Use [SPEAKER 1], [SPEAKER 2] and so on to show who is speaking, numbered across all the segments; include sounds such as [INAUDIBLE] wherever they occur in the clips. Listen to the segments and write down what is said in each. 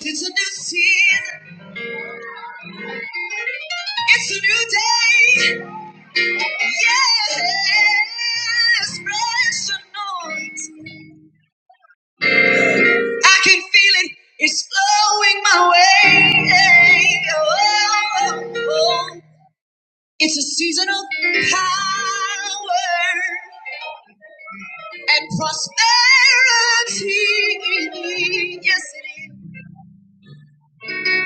[SPEAKER 1] It's a new season. It's a new day. Yes, fresh anointing. I can feel it. It's flowing my way. Oh, oh, oh. It's a season of power and prosperity. Yes, it is.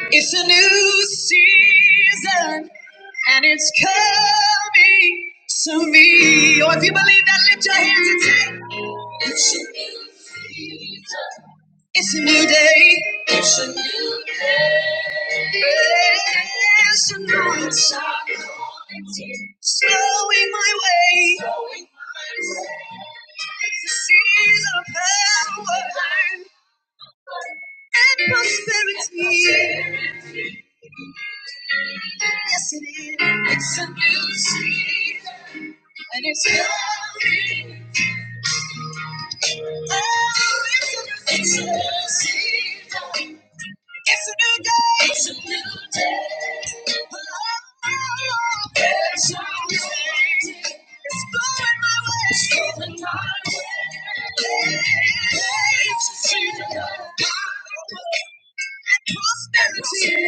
[SPEAKER 1] It's a new season and it's coming to me. Or if you believe that, lift your hands and say, It's a new season. It's a new day. It's a new day. It's a new time. Slowing my way. Slowing my way. It's a season of power and prosperity. Yes, it is. It's a new season, and it's coming. It's It's a new day. It's a new day. It's going going my way. prosperity. It's a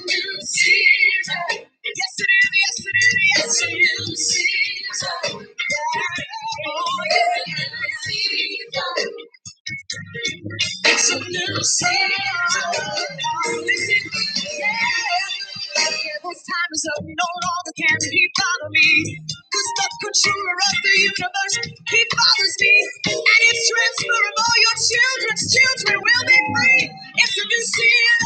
[SPEAKER 1] new season. Yes, it is. Yes, it is. It's a new season. Yeah. Oh, yeah. It's new season. It's a new sound. Yeah, this time is up. No longer can he bother me. Cause the controller of the universe, he bothers me. And it's transferable. Your children's children will be free. It's a new season.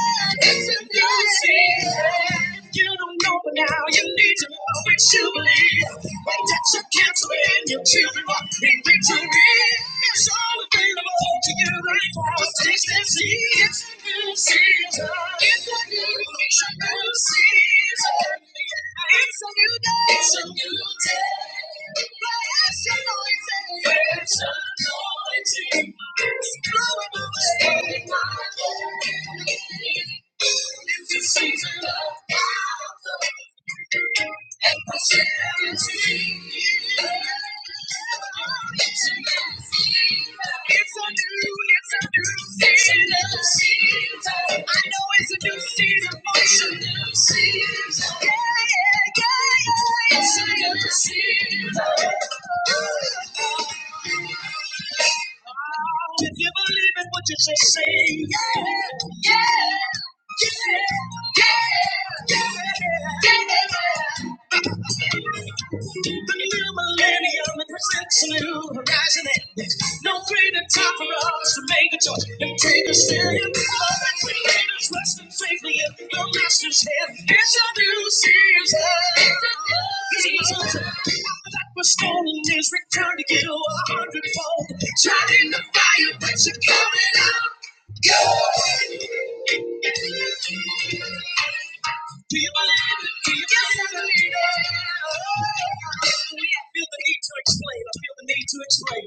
[SPEAKER 1] It's a new season. You don't know, but now you need to know. It's jubilee. Wait that you cancel it your children walk in victory. It's all available to you. Just taste and see. It's a new season. It's a new it's new season. It's a new day. It's a new day. Bless your anointing. It's a anointing. It's blowing away my day. It's a season of power. It's a new, it's a new season. I know it's a new season for you. Yeah, yeah, yeah, yeah. It's a new season. Oh, if you believe in what you just say, yeah, yeah. The new millennium it presents a new horizon and there's no greater time for us to make a choice and take a stand. All that creators resting safely in the master's hand. It's a new season. It's a new season. That was stolen is returned to get a hundredfold. Shot in the fire, but you're coming out. Good. Do you believe it? Do you yes, believe it. Oh, yeah. I feel the need to explain. I feel the need to explain.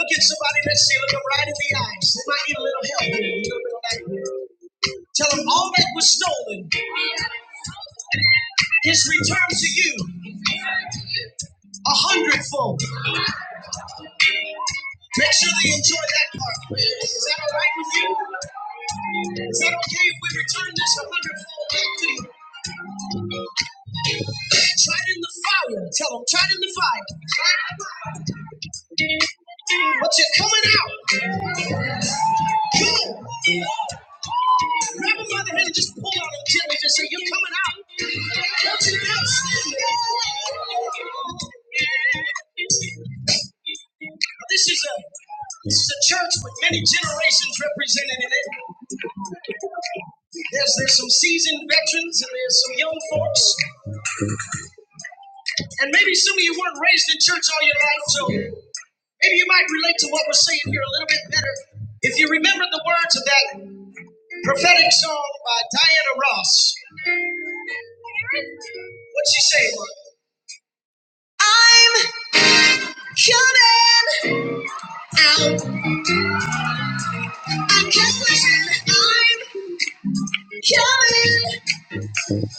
[SPEAKER 1] Look at somebody that's see, look them right in the eyes. They might need a little help here, a little bit of light here. Tell them all that was stolen is returned to you a hundredfold. Make sure they enjoy that part. Is that all right with you? Is that okay if we return this a wonderful back to you? Try it in the fire. Tell them, try it in the fire. Try it in the fire. But you're coming out. Come on. Grab him by the hand and just pull out and jellyfish and say, You're coming out. Don't you know? This is a this is a church with many generations represented in it. There's there's some seasoned veterans and there's some young folks. And maybe some of you weren't raised in church all your life, so maybe you might relate to what we're saying here a little bit better. If you remember the words of that prophetic song by Diana Ross, what she say? I'm coming out. I'm coming.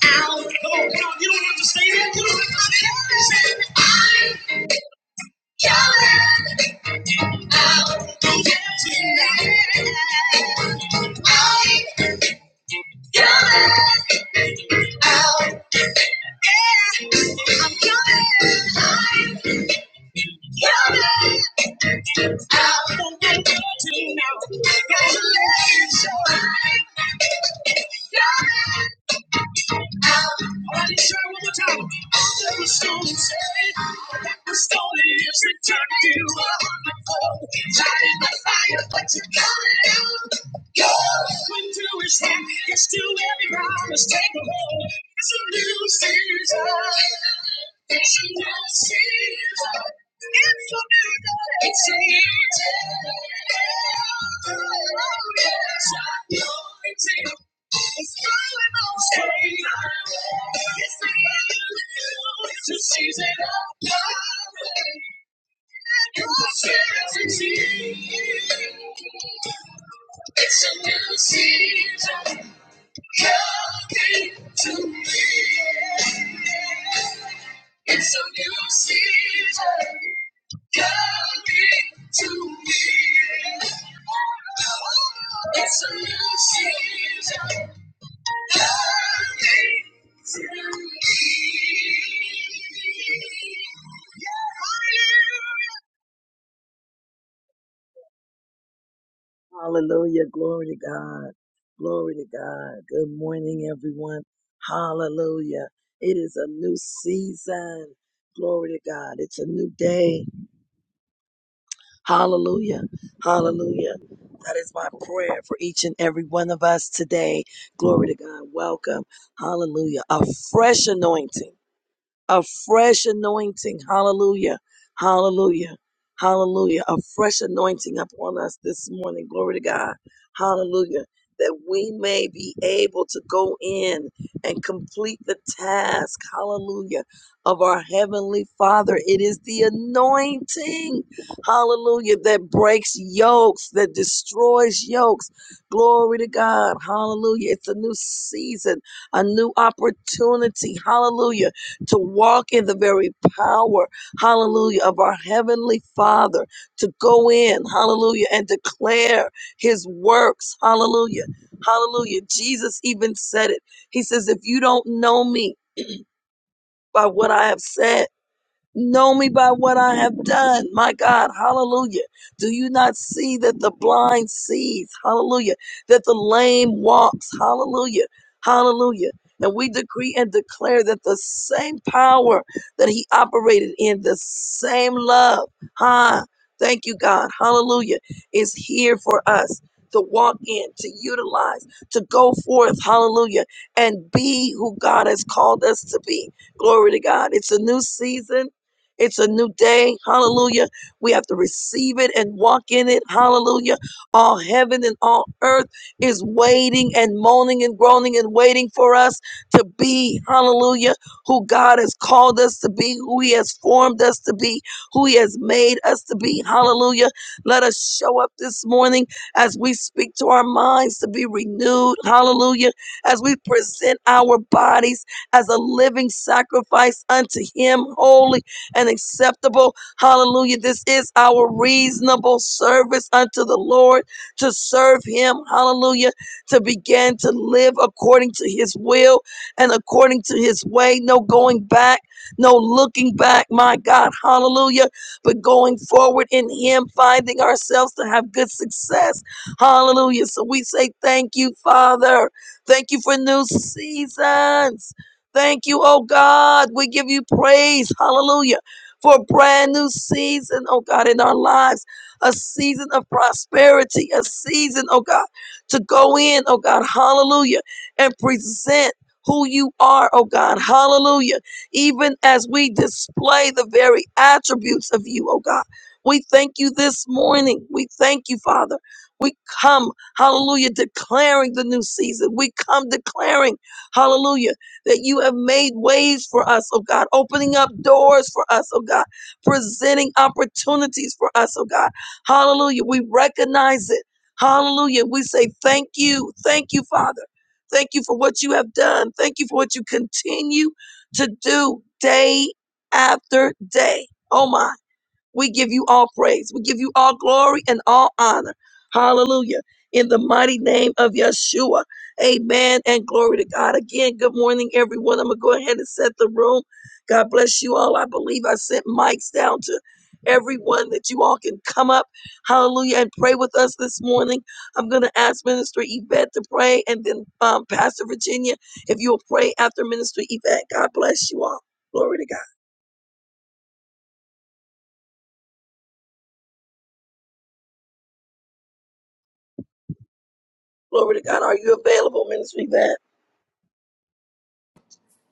[SPEAKER 1] I'm coming out. Come on, come on. You don't have to stay there. You don't have to stay there. Say, I'm coming out. Don't get tonight. I'm coming out. Yeah, I'm coming. I'm coming out tonight. Alright, let's try one more time. All the stones say that the story is returned to the fold. Light in the fire, but you got it out. Go! Went through his hand, gets to every promise, take a hold. It's a new season. It's a new season. It's a new day. It's a new day. Oh, yes, I know It's a new day. It's a new season. Coming to me. It's a new season coming to me. It's a new season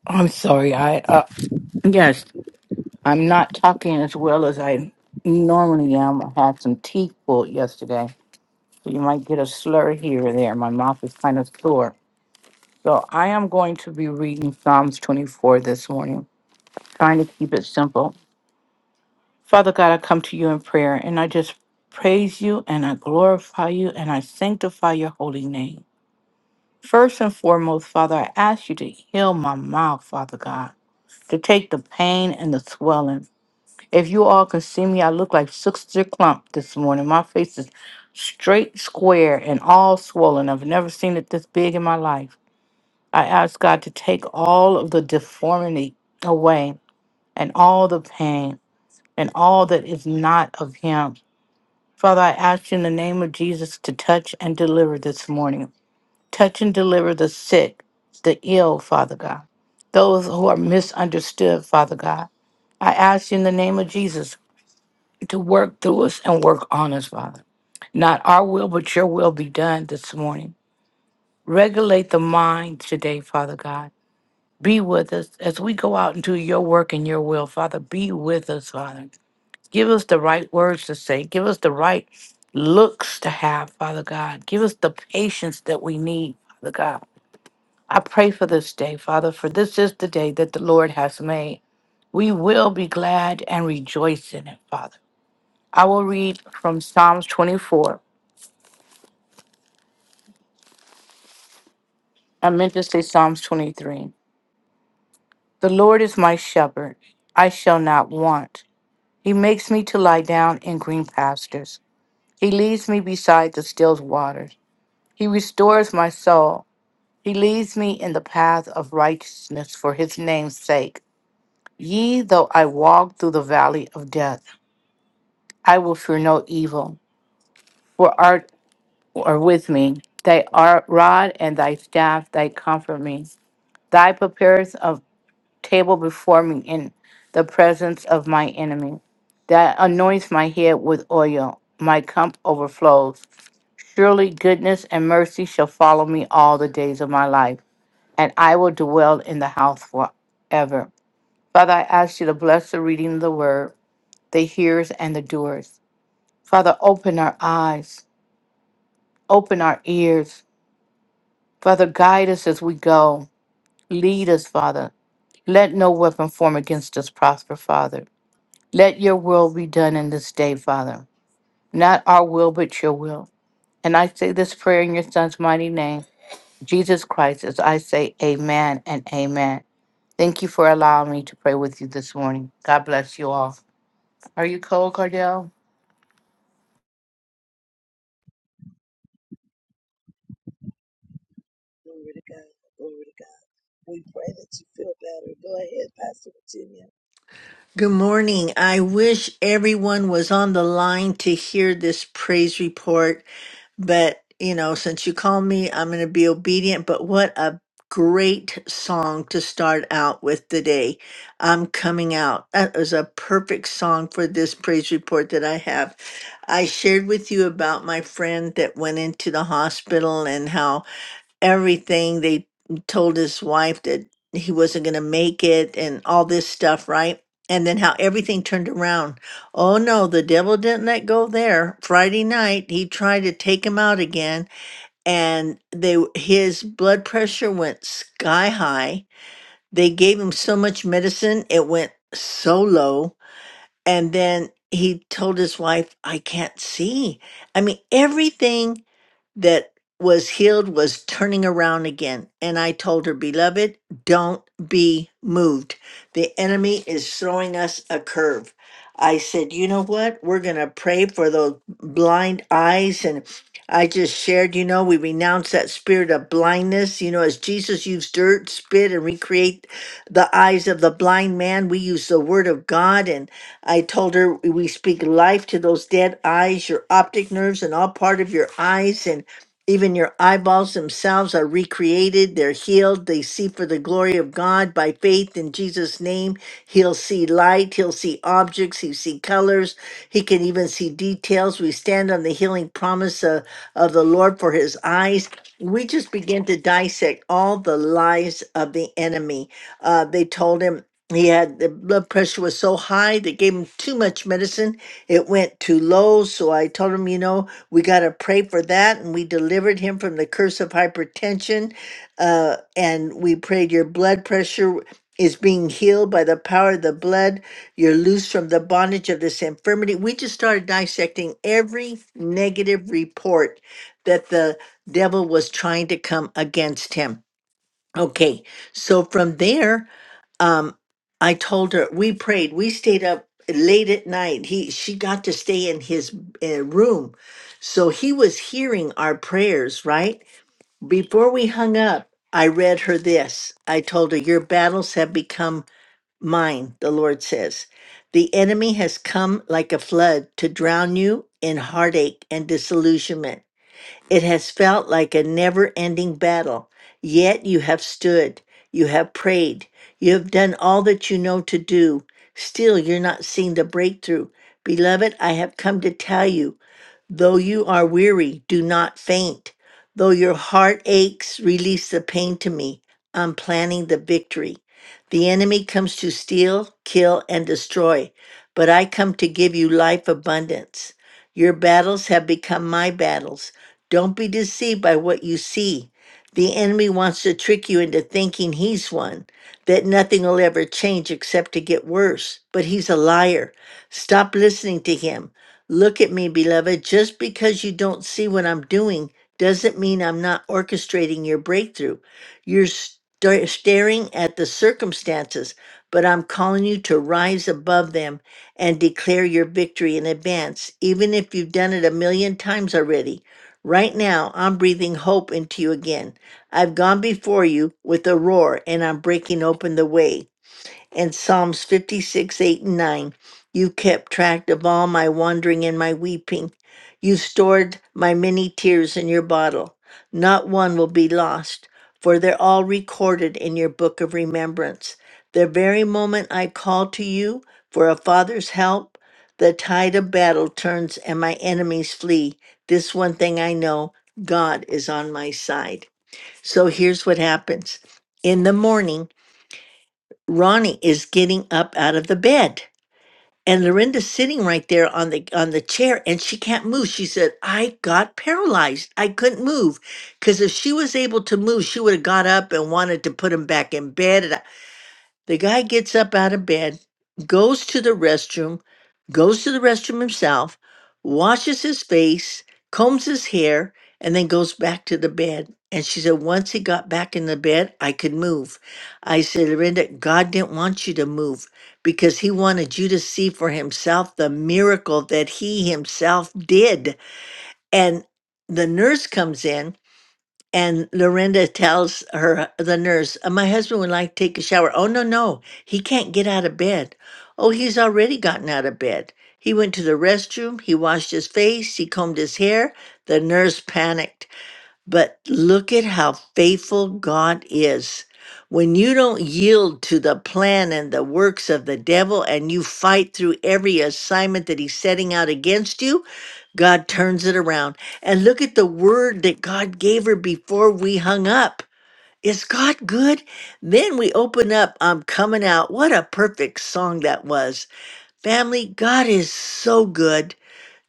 [SPEAKER 2] I'm sorry. I uh, Yes. I'm not talking as well as I normally am. I had some teeth pulled yesterday, so you might get a slur here or there. My mouth is kind of sore. So I am going to be reading Psalms 24 this morning, trying to keep it simple. Father God, I come to you in prayer, and I just praise you, and I glorify you, and I sanctify your holy name. First and foremost, Father, I ask you to heal my mouth, Father God, to take the pain and the swelling. If you all can see me, I look like Sister Clump this morning. My face is straight, square, and all swollen. I've never seen it this big in my life. I ask God to take all of the deformity away and all the pain and all that is not of Him. Father, I ask you in the name of Jesus to touch and deliver this morning. Touch and deliver the sick, the ill, Father God. Those who are misunderstood, Father God. I ask you in the name of Jesus to work through us and work on us, Father. Not our will, but your will be done this morning. Regulate the mind today, Father God. Be with us as we go out and do your work and your will, Father. Be with us, Father. Give us the right words to say. Give us the right looks to have, Father God. Give us the patience that we need, Father God. I pray for this day, Father, for this is the day that the Lord has made. We will be glad and rejoice in it, Father. I will read from Psalms 24. I meant to say Psalms 23. The Lord is my shepherd. I shall not want. He makes me to lie down in green pastures. He leads me beside the still waters. He restores my soul. He leads me in the path of righteousness for his name's sake. Yea, though I walk through the valley of death, I will fear no evil, for art are with me. Thy art, rod and thy staff, they comfort me. Thy preparers of table before me in the presence of my enemy. That anoints my head with oil. My cup overflows. Surely goodness and mercy shall follow me all the days of my life, and I will dwell in the house forever. Father, I ask you to bless the reading of the word, the hearers and the doers. Father, open our eyes, open our ears. Father, guide us as we go. Lead us, Father. Let no weapon form against us prosper, Father. Let your will be done in this day, Father. Not our will, but your will. And I say this prayer in your son's mighty name, Jesus Christ, as I say amen and amen. Thank you for allowing me to pray with you this morning. God bless you all. Are you cold, Cardell?
[SPEAKER 3] Good morning. I wish everyone was on the line to hear this praise report, but you know, since you called me, I'm going to be obedient. But what a great song to start out with today. I'm coming out. That was a perfect song for this praise report that I have. I shared with you about my friend that went into the hospital and how everything. They told his wife that he wasn't going to make it and all this stuff, right? And then how everything turned around. Oh no, the devil didn't let go there. Friday night, he tried to take him out again and they w- his blood pressure went sky high. They gave him so much medicine, it went so low and then he told his wife, I can't see. I mean, everything that was healed was turning around again. And I told her, Beloved, don't be moved. The enemy is throwing us a curve. I said, You know what? We're going to pray for those blind eyes. And I just shared, you know, we renounce that spirit of blindness. You know, as Jesus used dirt, spit, and recreate the eyes of the blind man, we use the word of God. And I told her we speak life to those dead eyes, your optic nerves, and all part of your eyes, and even your eyeballs themselves are recreated. They're healed. They see for the glory of God by faith in Jesus' name. He'll see light. He'll see objects. He'll see colors. He can even see details. We stand on the healing promise of, of the Lord for his eyes. We just begin to dissect all the lies of the enemy. Uh, they told him he had the blood pressure was so high they gave him too much medicine it went too low so i told him you know we got to pray for that and we delivered him from the curse of hypertension uh, and we prayed your blood pressure is being healed by the power of the blood you're loose from the bondage of this infirmity we just started dissecting every negative report that the devil was trying to come against him okay so from there um i told her we prayed we stayed up late at night he she got to stay in his uh, room so he was hearing our prayers right before we hung up i read her this i told her your battles have become mine the lord says the enemy has come like a flood to drown you in heartache and disillusionment it has felt like a never ending battle, yet you have stood, you have prayed, you have done all that you know to do. Still, you're not seeing the breakthrough. Beloved, I have come to tell you Though you are weary, do not faint. Though your heart aches, release the pain to me. I'm planning the victory. The enemy comes to steal, kill, and destroy, but I come to give you life abundance. Your battles have become my battles. Don't be deceived by what you see. The enemy wants to trick you into thinking he's won, that nothing will ever change except to get worse, but he's a liar. Stop listening to him. Look at me, beloved. Just because you don't see what I'm doing doesn't mean I'm not orchestrating your breakthrough. You're sta- staring at the circumstances, but I'm calling you to rise above them and declare your victory in advance, even if you've done it a million times already. Right now, I'm breathing hope into you again. I've gone before you with a roar and I'm breaking open the way and Psalms 56, 8, and 9. You kept track of all my wandering and my weeping. You stored my many tears in your bottle. Not one will be lost, for they're all recorded in your book of remembrance. The very moment I call to you for a father's help, the tide of battle turns and my enemies flee. This one thing I know God is on my side. So here's what happens. In the morning, Ronnie is getting up out of the bed. And Lorinda's sitting right there on the on the chair and she can't move. She said, I got paralyzed. I couldn't move. Cause if she was able to move, she would have got up and wanted to put him back in bed. And I, the guy gets up out of bed, goes to the restroom, goes to the restroom himself, washes his face, combs his hair, and then goes back to the bed. And she said, once he got back in the bed, I could move. I said, Linda, God didn't want you to move because he wanted you to see for himself the miracle that he himself did. And the nurse comes in and Lorinda tells her, the nurse, "Uh, my husband would like to take a shower. Oh, no, no, he can't get out of bed. Oh, he's already gotten out of bed. He went to the restroom, he washed his face, he combed his hair. The nurse panicked. But look at how faithful God is. When you don't yield to the plan and the works of the devil and you fight through every assignment that he's setting out against you, God turns it around. And look at the word that God gave her before we hung up. Is God good? Then we open up, I'm coming out. What a perfect song that was. Family, God is so good.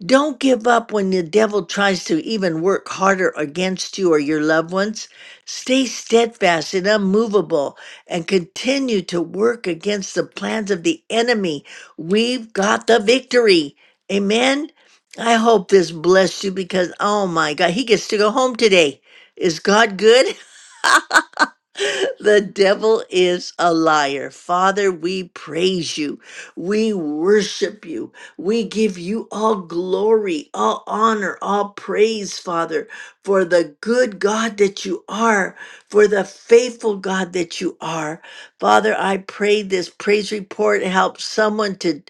[SPEAKER 3] Don't give up when the devil tries to even work harder against you or your loved ones. Stay steadfast and unmovable and continue to work against the plans of the enemy. We've got the victory. Amen. I hope this blessed you because, oh my God, he gets to go home today. Is God good? [LAUGHS] the devil is a liar. Father, we praise you. We worship you. We give you all glory, all honor, all praise, Father, for the good God that you are, for the faithful God that you are. Father, I pray this praise report helps someone to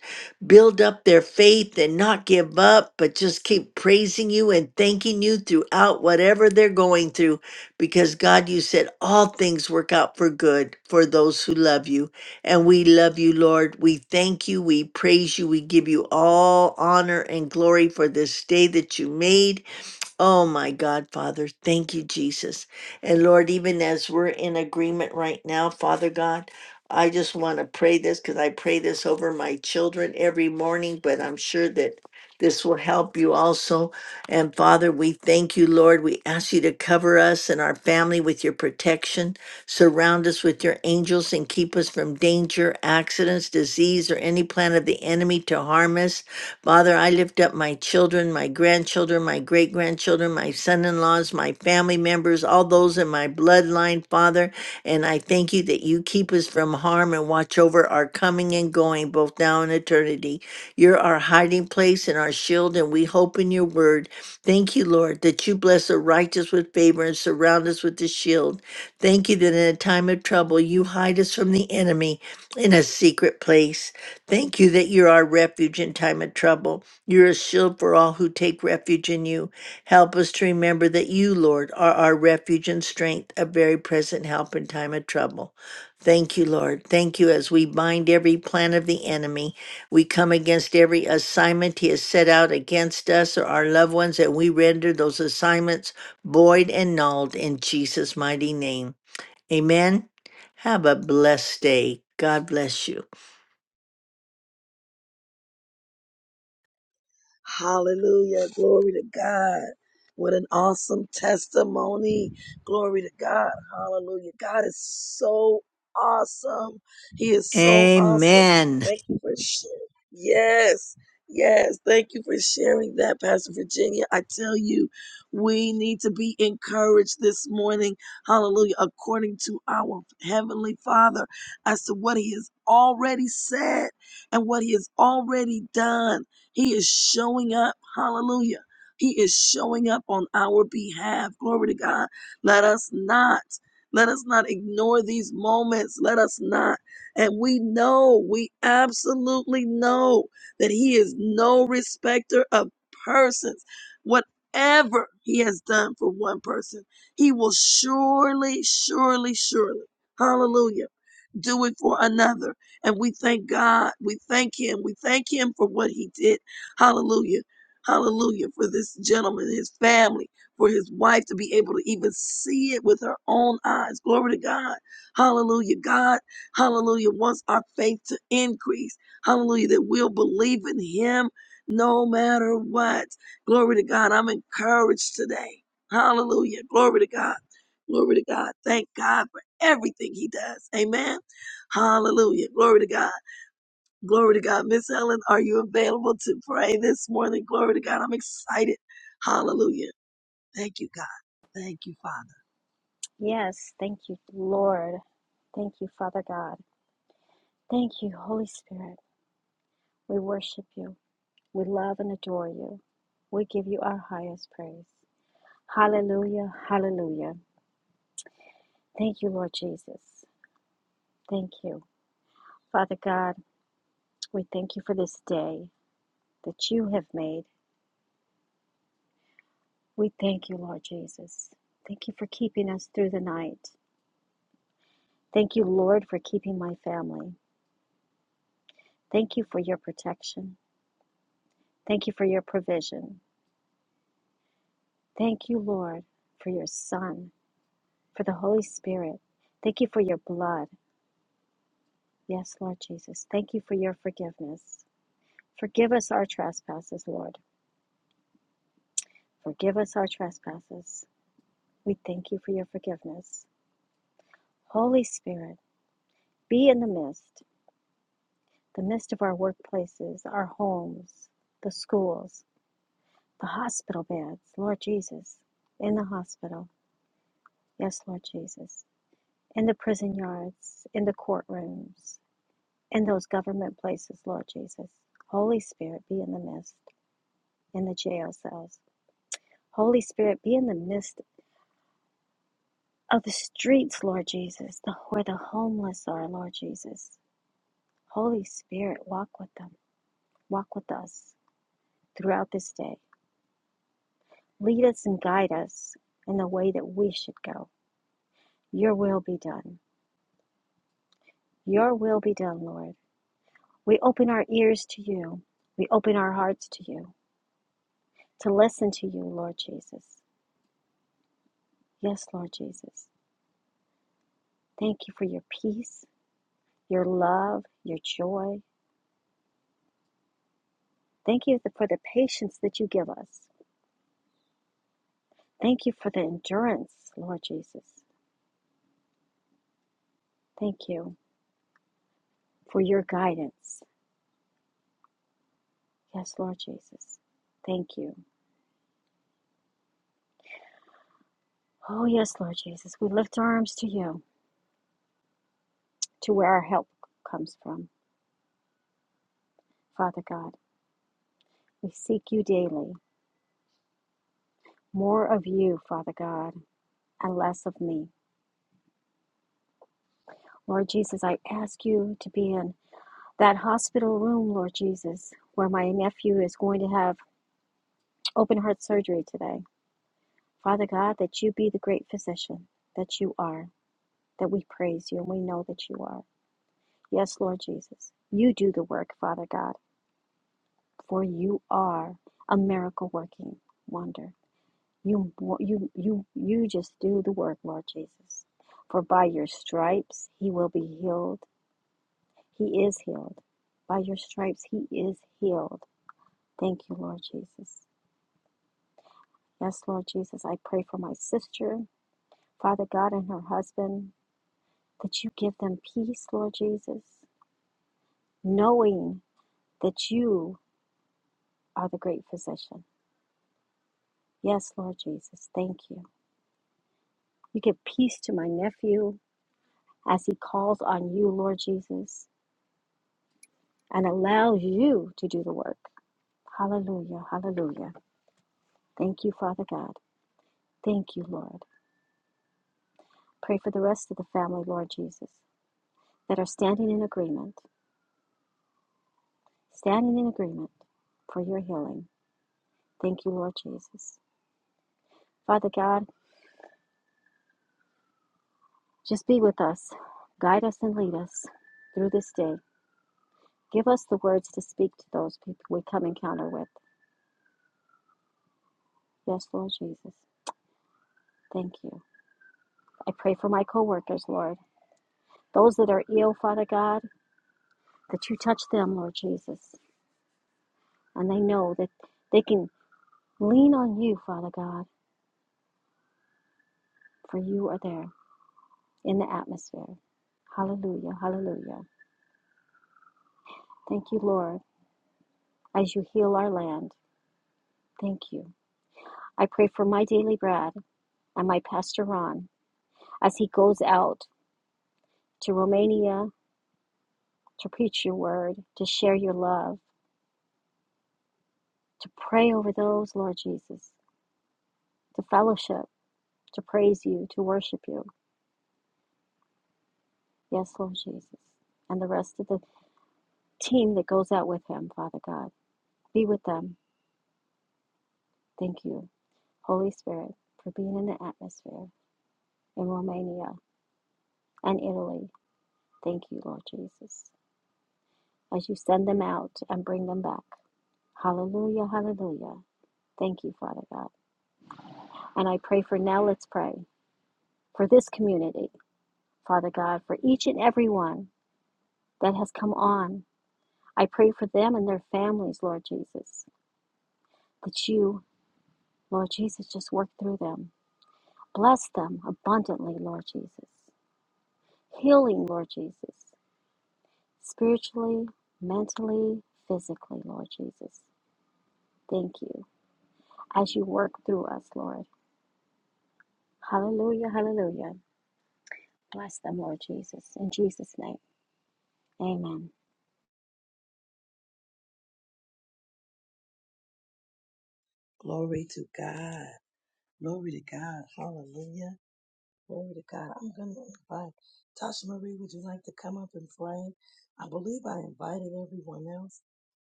[SPEAKER 3] build up their faith and not give up, but just keep praising you and thanking you throughout whatever they're going through because God, you said all things work out for good for those who love you. And we love you, Lord. We thank you. We praise you. We give you all honor and glory for this day that you made. Oh my God, Father, thank you, Jesus. And Lord, even as we're in agreement right now, Father God, I just want to pray this because I pray this over my children every morning, but I'm sure that this will help you also. And Father, we thank you, Lord. We ask you to cover us and our family with your protection, surround us with your angels, and keep us from danger, accidents, disease, or any plan of the enemy to harm us. Father, I lift up my children, my grandchildren, my great grandchildren, my son in laws, my family members, all those in my bloodline, Father. And I thank you that you keep us from harm and watch over our coming and going, both now and eternity. You're our hiding place and our shield, and we hope in your word. Thank you, Lord, that you bless the righteous with favor and surround us with the shield. Thank you that in a time of trouble, you hide us from the enemy in a secret place. Thank you that you're our refuge in time of trouble. You're a shield for all who take refuge in you. Help us to remember that you, Lord, are our refuge and strength, a very present help in time of trouble. Thank you, Lord. Thank you as we bind every plan of the enemy. We come against every assignment he has set out against us or our loved ones, and we render those assignments void and nulled in Jesus' mighty name. Amen. Have a blessed day. God bless you. Amen.
[SPEAKER 4] Yes, thank you, Lord. Thank you, Father God. Thank you, Holy Spirit. We worship you. We love and adore you. We give you our highest praise. Hallelujah, hallelujah. Thank you, Lord Jesus. Thank you. Father God, we thank you for this day that you have made. We thank you, Lord Jesus. Thank you for keeping us through the night. Thank you, Lord, for keeping my family. Thank you for your protection. Thank you for your provision. Thank you, Lord, for your Son, for the Holy Spirit. Thank you for your blood. Yes, Lord Jesus. Thank you for your forgiveness. Forgive us our trespasses, Lord. Forgive us our trespasses. We thank you for your forgiveness. Holy Spirit, be in the midst, the midst of our workplaces, our homes, the schools, the hospital beds, Lord Jesus, in the hospital. Yes, Lord Jesus. In the prison yards, in the courtrooms, in those government places, Lord Jesus. Holy Spirit, be in the midst, in the jail cells. Holy Spirit, be in the midst of the streets, Lord Jesus, the, where the homeless are, Lord Jesus. Holy Spirit, walk with them, walk with us throughout this day. Lead us and guide us in the way that we should go. Your will be done. Your will be done, Lord. We open our ears to you. We open our hearts to you to listen to you, Lord Jesus. Yes, Lord Jesus. Thank you for your peace, your love, your joy. Thank you for the patience that you give us. Thank you for the endurance, Lord Jesus. Thank you for your guidance. Yes, Lord Jesus. Thank you. Oh, yes, Lord Jesus. We lift our arms to you, to where our help comes from, Father God. We seek you daily, more of you, Father God, and less of me. Lord Jesus, I ask you to be in That hospital room, Lord Jesus, where my nephew is going to have open heart surgery today. Father God, that you be the great physician that you are, that we praise you and we know that you are. Yes, Lord Jesus, you do the work, Father God, for you are a miracle working wonder. You, you, you, you just do the work, Lord Jesus. For by your stripes he will be healed. He is healed. By your stripes he is healed. Thank you, Lord Jesus. Yes, Lord Jesus, I pray for my sister, Father God, and her husband, that you give them peace, Lord Jesus, knowing that you are the great physician. Yes, Lord Jesus, thank you. You give peace to my nephew as he calls on you, Lord Jesus, and allows you to do the work. Hallelujah, hallelujah. Thank you, Father God. Thank you, Lord. Pray for the rest of the family, Lord Jesus, that are standing in agreement, standing in agreement for your healing. Thank you, Lord Jesus. Father God, just be with us. Guide us and lead us through this day. Give us the words to speak to those people we come encounter with. Yes, Lord Jesus. Thank you. I pray for my co-workers, Lord. Those that are ill, Father God, that you touch them, Lord Jesus. And they know that they can lean on you, Father God, for you are there in the atmosphere. Hallelujah. Hallelujah. Thank you, Lord, as you heal our land. Thank you. I pray for my daily bread and my pastor Ron as he goes out to Romania to preach your word, to share your love, to pray over those, Lord Jesus, to fellowship, to praise you, to worship you. Yes, Lord Jesus. And the rest of the team that goes out with him, Father God. Be with them. Thank you, Holy Spirit, for being in the atmosphere in Romania and Italy. Thank you, Lord Jesus, as you send them out and bring them back. Hallelujah, hallelujah. Thank you, Father God. And I pray for now, let's pray for this community, Father God, for each and every one that has come on. I pray for them and their families, Lord Jesus, that you, Lord Jesus, just work through them. Bless them abundantly, Lord Jesus. Healing, Lord Jesus, spiritually, mentally, physically, Lord Jesus. Thank you as you work through us, Lord. Hallelujah, hallelujah. Bless them, Lord Jesus. In Jesus' name, amen.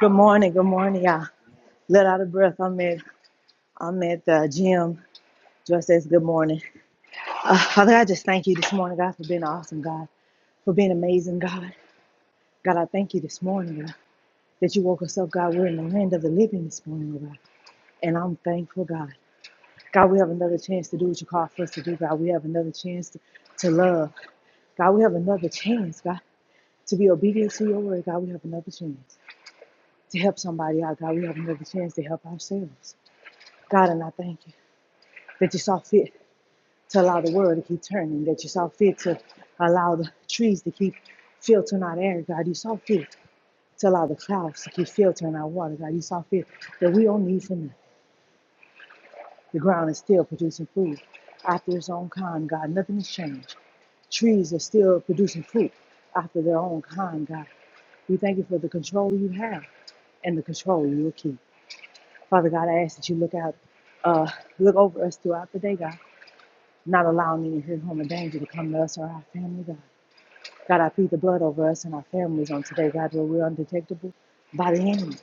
[SPEAKER 5] Good morning. Good morning. Yeah, let out of breath. I'm at I'm at the gym. Just as good morning. Uh, Father, I just thank you this morning, God, for being awesome, God, for being amazing, God. God, I thank you this morning, God, that you woke us up, God. We're in the land of the living this morning, oh God, and I'm thankful, God. God, we have another chance to do what you call for us to do, God. We have another chance to, to love. God, we have another chance, God, to be obedient to your word. God, we have another chance to help somebody out. God, we have another chance to help ourselves. God, and I thank you that you saw fit to allow the world to keep turning, that you saw fit to allow the trees to keep filtering out air, God. You saw fit to allow the clouds to keep filtering out water, God. You saw fit that we don't need for nothing. The ground is still producing food after its own kind, God. Nothing has changed. Trees are still producing fruit after their own kind, God. We thank you for the control you have and the control you will keep. Father God, I ask that you look out, uh, look over us throughout the day, God. not allowing any hurt, harm, or danger to come to us or our family, God. God, I plead the blood over us and our families on today, God, where we're undetectable by the enemy.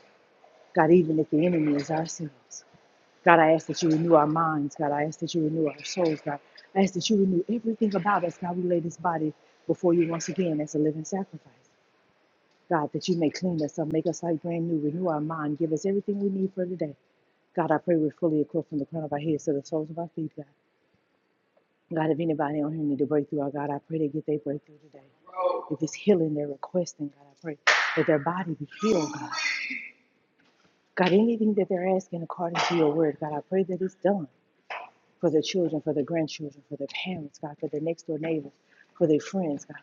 [SPEAKER 5] God, even if the enemy is ourselves. God, I ask that you renew our minds. God, I ask that you renew our souls. God, I ask that you renew everything about us. God, we lay this body before you once again as a living sacrifice. God, that you may clean us up, make us like brand new, renew our mind, give us everything we need for today. God, I pray we're fully equipped from the crown of our heads to the soles of our feet, God. God, if anybody on here need a breakthrough, oh God, I pray they get their breakthrough today. If it's healing they're requesting, God, I pray that their body be healed, God. God, anything that they're asking according to your word, God, I pray that it's done for their children, for their grandchildren, for their parents, God, for their next door neighbors, for their friends, God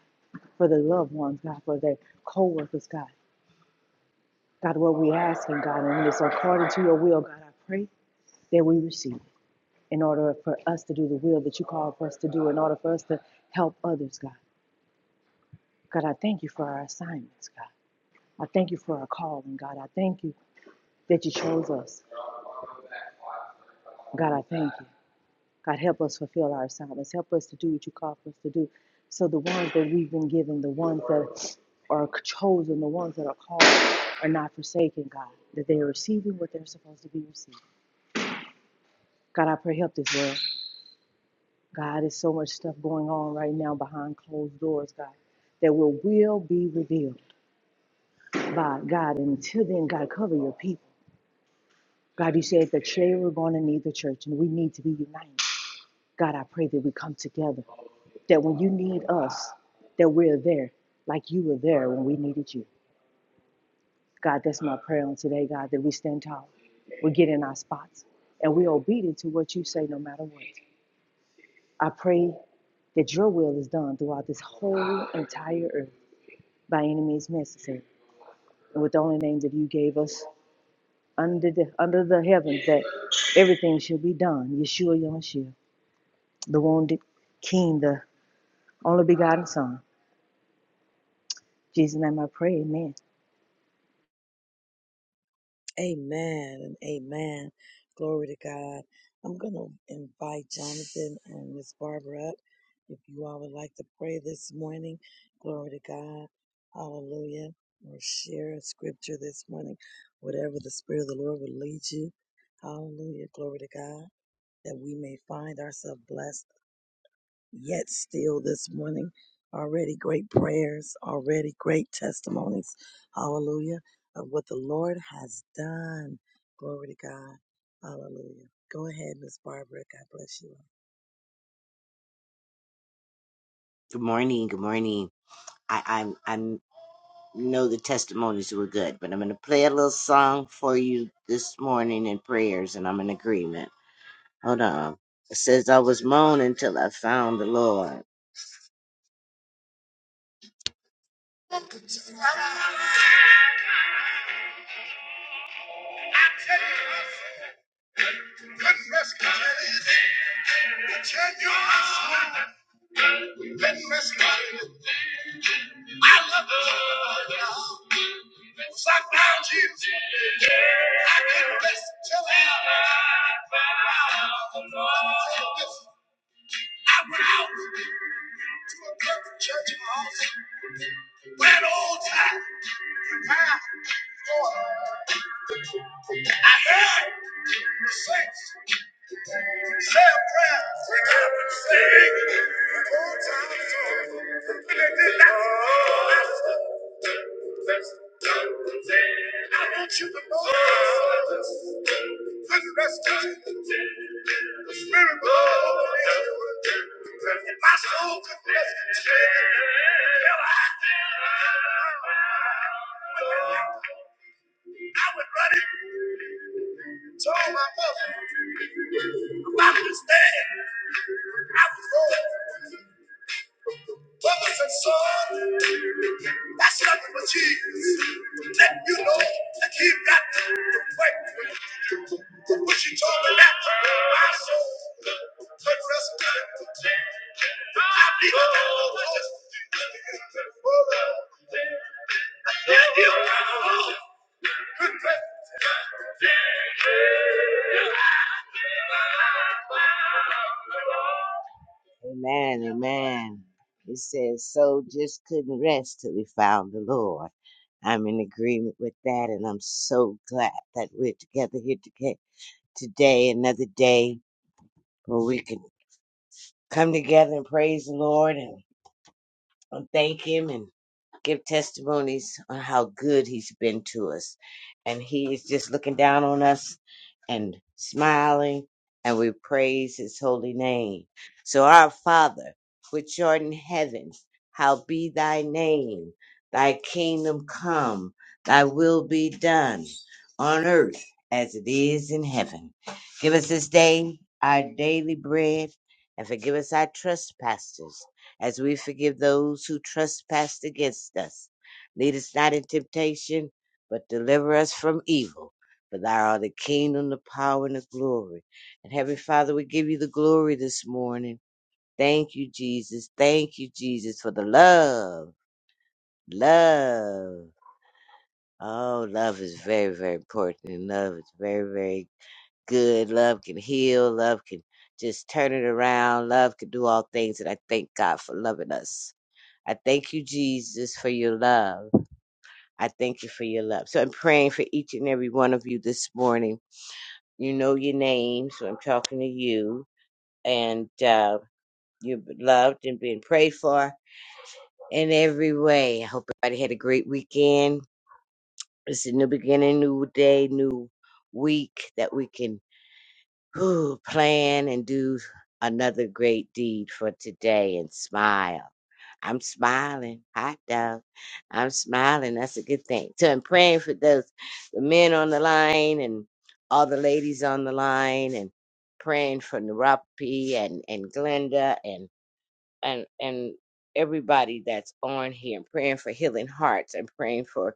[SPEAKER 5] for their loved ones, God, for their co-workers, God. God, what we asking, God, and when it's according to your will, God, I pray that we receive it in order for us to do the will that you call for us to do, in order for us to help others, God. God, I thank you for our assignments, God. I thank you for our calling, God. I thank you that you chose us. God, I thank you. God, help us fulfill our assignments. Help us to do what you call for us to do. So the ones that we've been given, the ones that are chosen, the ones that are called are not forsaken, God, that they are receiving what they're supposed to be receiving. God, I pray help this world. God, there's so much stuff going on right now behind closed doors, God, that will, will be revealed by God. And until then, God, cover your people. God, you said that today we're going to need the church and we need to be united. God, I pray that we come together, that when you need us, that we're there like you were there when we needed you. God, that's my prayer on today, God, that we stand tall, we get in our spots, and we're obedient to what you say no matter what. I pray that your will is done throughout this whole entire earth by any means necessary. And with the only name that you gave us under the under the heavens that everything shall be done. Yeshua Yamashia. the wounded King, the only begotten Son. In Jesus' name I pray, amen.
[SPEAKER 6] Good morning. Good morning. I I'm I'm know the testimonies were good, but I'm gonna play a little song for you this morning in prayers, and I'm in agreement. Hold on. It says I was moaning till I found the Lord. Goodness, goodness, continuous. Goodness, goodness. carries. I love the Lord. Sometimes you, I confess to Him. I went out to a country church house where an old time prepared for. I had the saints say a prayer, break up and sing. The whole time is over. And they did that. I want you to know this restoration, the spirit of the Lord. If my soul could rest in I would run it. So my mother, about my understand, I was born. Brothers and sons, that's nothing but Jesus. Let you know that he got the breakthrough. But she told me that my soul could rest good. I believe that I know that. Amen, amen. It says, So just couldn't rest till we found the Lord. I'm in agreement with that, and I'm so glad that we're together here toge- today, another day where we can come together and praise the Lord and, and thank Him. and. give testimonies on how good he's been to us. And he is just looking down on us and smiling, and we praise his holy name. So, our Father, which art in heaven, how be thy name, thy kingdom come, thy will be done on earth as it is in heaven. Give us this day our daily bread, and forgive us our trespasses as we forgive those who trespass against us. Lead us not in temptation, but deliver us from evil. For thou art the kingdom, the power, and the glory. And Heavenly Father, we give you the glory this morning. Thank you, Jesus. Thank you, Jesus, for the love. Love. Oh, love is very, very important. And love is very, very good. Love can heal. Love can just turn it around. Love can do all things. And I thank God for loving us. I thank you, Jesus, for your love. I thank you for your love. So I'm praying for each and every one of you this morning. You know your name, so I'm talking to you. And uh, you're loved and being prayed for in every way. I hope everybody had a great weekend. It's a new beginning, new day, new week that we can whew, plan and do another great deed for today and smile I'm smiling. Hot dog. I'm smiling. That's a good thing. So I'm praying for those the men on the line and all the ladies on the line and praying for Naropi and, and Glenda and and and everybody that's on here. I'm praying for healing hearts. I'm praying for,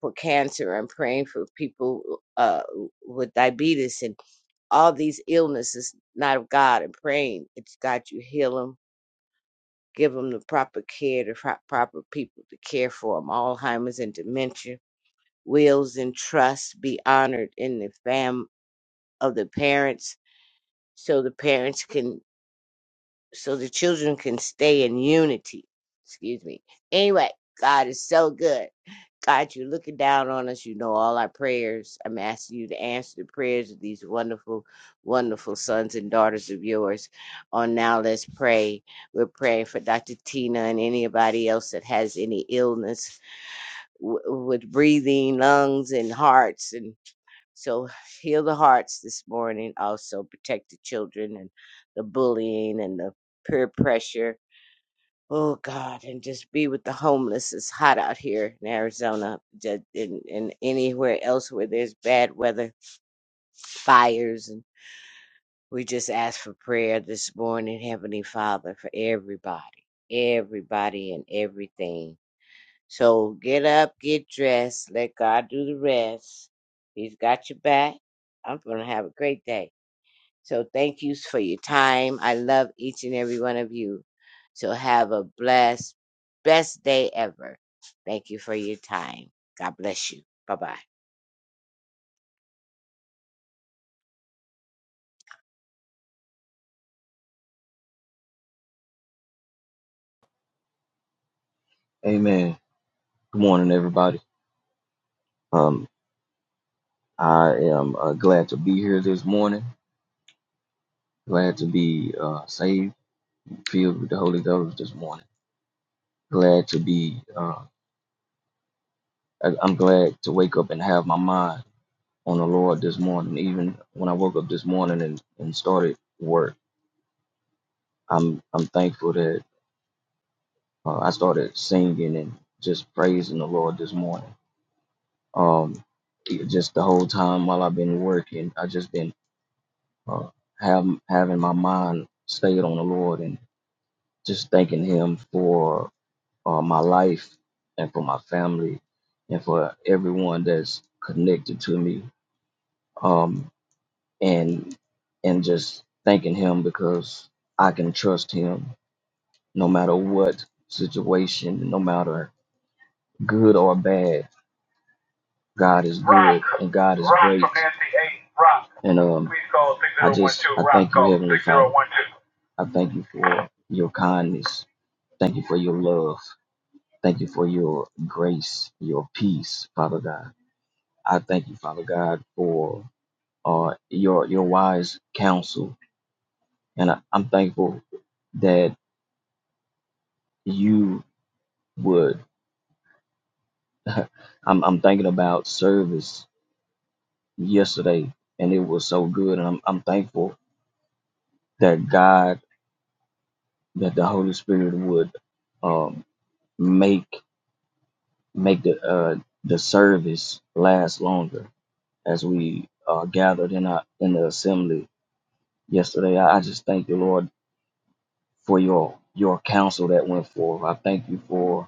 [SPEAKER 6] for cancer. I'm praying for people uh with diabetes and all these illnesses, not of God. I'm praying it's God you heal them give them the proper care, the pro- proper people to care for them. Alzheimer's and dementia, wills and trusts be honored in the fam of the parents, so the parents can, so the children can stay in unity. Excuse me. Anyway, God is so good. God, you're looking down on us. You know all our prayers. I'm asking you to answer the prayers of these wonderful, wonderful sons and daughters of yours. On Now Let's Pray. We're praying for Dr. Tina and anybody else that has any illness w- with breathing, lungs, and hearts. And so heal the hearts this morning. Also protect the children and the bullying and the peer pressure Oh God, and just be with the homeless. It's hot out here in Arizona, ju- and, and anywhere else where there's bad weather, fires, and we just ask for prayer this morning, Heavenly Father, for everybody, everybody, and everything. So get up, get dressed, let God do the rest. He's got your back. I'm gonna have a great day. So thank you for your time. I love each and every one of you. So have a blessed, best day ever. Thank you for your time. God bless you. Bye bye.
[SPEAKER 7] Amen. Good morning, everybody. Um, I am uh, glad to be here this morning. Glad to be uh, saved, filled with the Holy Ghost this morning. Glad to be. Uh, I- I'm glad to wake up and have my mind on the Lord this morning. Even when I woke up this morning and, and started work, I'm I'm thankful that uh, I started singing and just praising the Lord this morning. Um, it- just the whole time while I've been working, I just been uh, have having my mind stayed on the Lord and just thanking Him for uh, my life and for my family and for everyone that's connected to me. Um, and and just thanking Him because I can trust Him no matter what situation, no matter good or bad. God is good and God is great. And um, I just I thank you, call Heavenly Father. I thank you for your kindness. Thank you for your love. Thank you for your grace, your peace, Father God. I thank you, Father God, for uh, your your wise counsel, and I, I'm thankful that you would. [LAUGHS] I'm I'm thinking about service yesterday, and it was so good, and I'm I'm thankful that God that the Holy Spirit would um, make make the uh, the service last longer as we uh, gathered in our, in the assembly yesterday. I, I just thank the Lord for your your counsel that went forth. I thank you for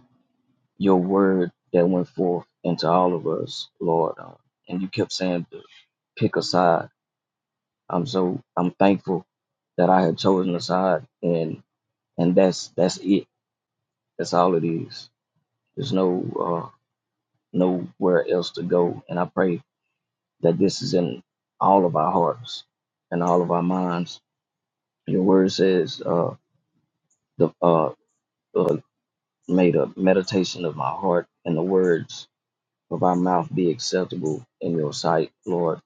[SPEAKER 7] your word that went forth into all of us, Lord. Uh, and you kept saying to pick a side. I'm so I'm thankful that I had chosen a side, and and that's that's it. That's all it is. There's no. uh, nowhere else to go. And I pray that this is in all of our hearts and all of our minds. Your word says, uh, the, uh, uh, may the meditation of my heart and the words of our mouth be acceptable in your sight, Lord.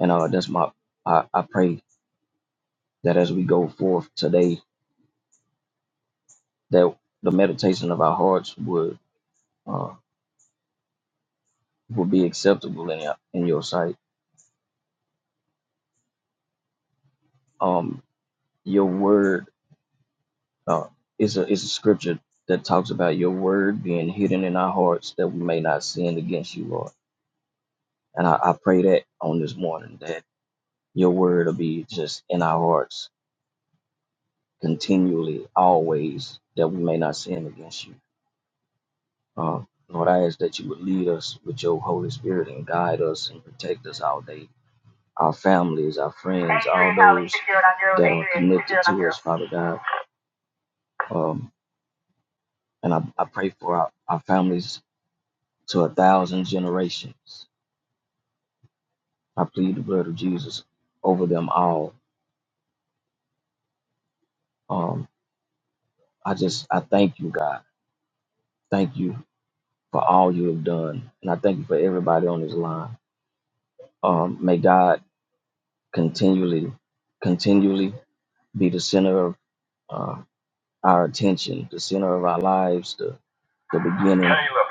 [SPEAKER 7] And uh, that's my, I, I pray that as we go forth today, that the meditation of our hearts would, uh, will be acceptable in your, in your sight. Um, your word Uh, it's a it's a scripture that talks about your word being hidden in our hearts that we may not sin against you, Lord. And I, I pray that on this morning that your word will be just in our hearts continually, always, that we may not sin against you. Uh, Lord, I ask that you would lead us with your Holy Spirit and guide us and protect us all day, our families, our friends, all those that are connected to us, Father God. Um, and I, I pray for our, our families to a thousand generations. I plead the blood of Jesus over them all. Um, I just, I thank you, God. Thank you for all you have done. And I thank you for everybody on this line. Um, may God continually, continually be the center of uh, our attention, the center of our lives, the, the beginning Kayla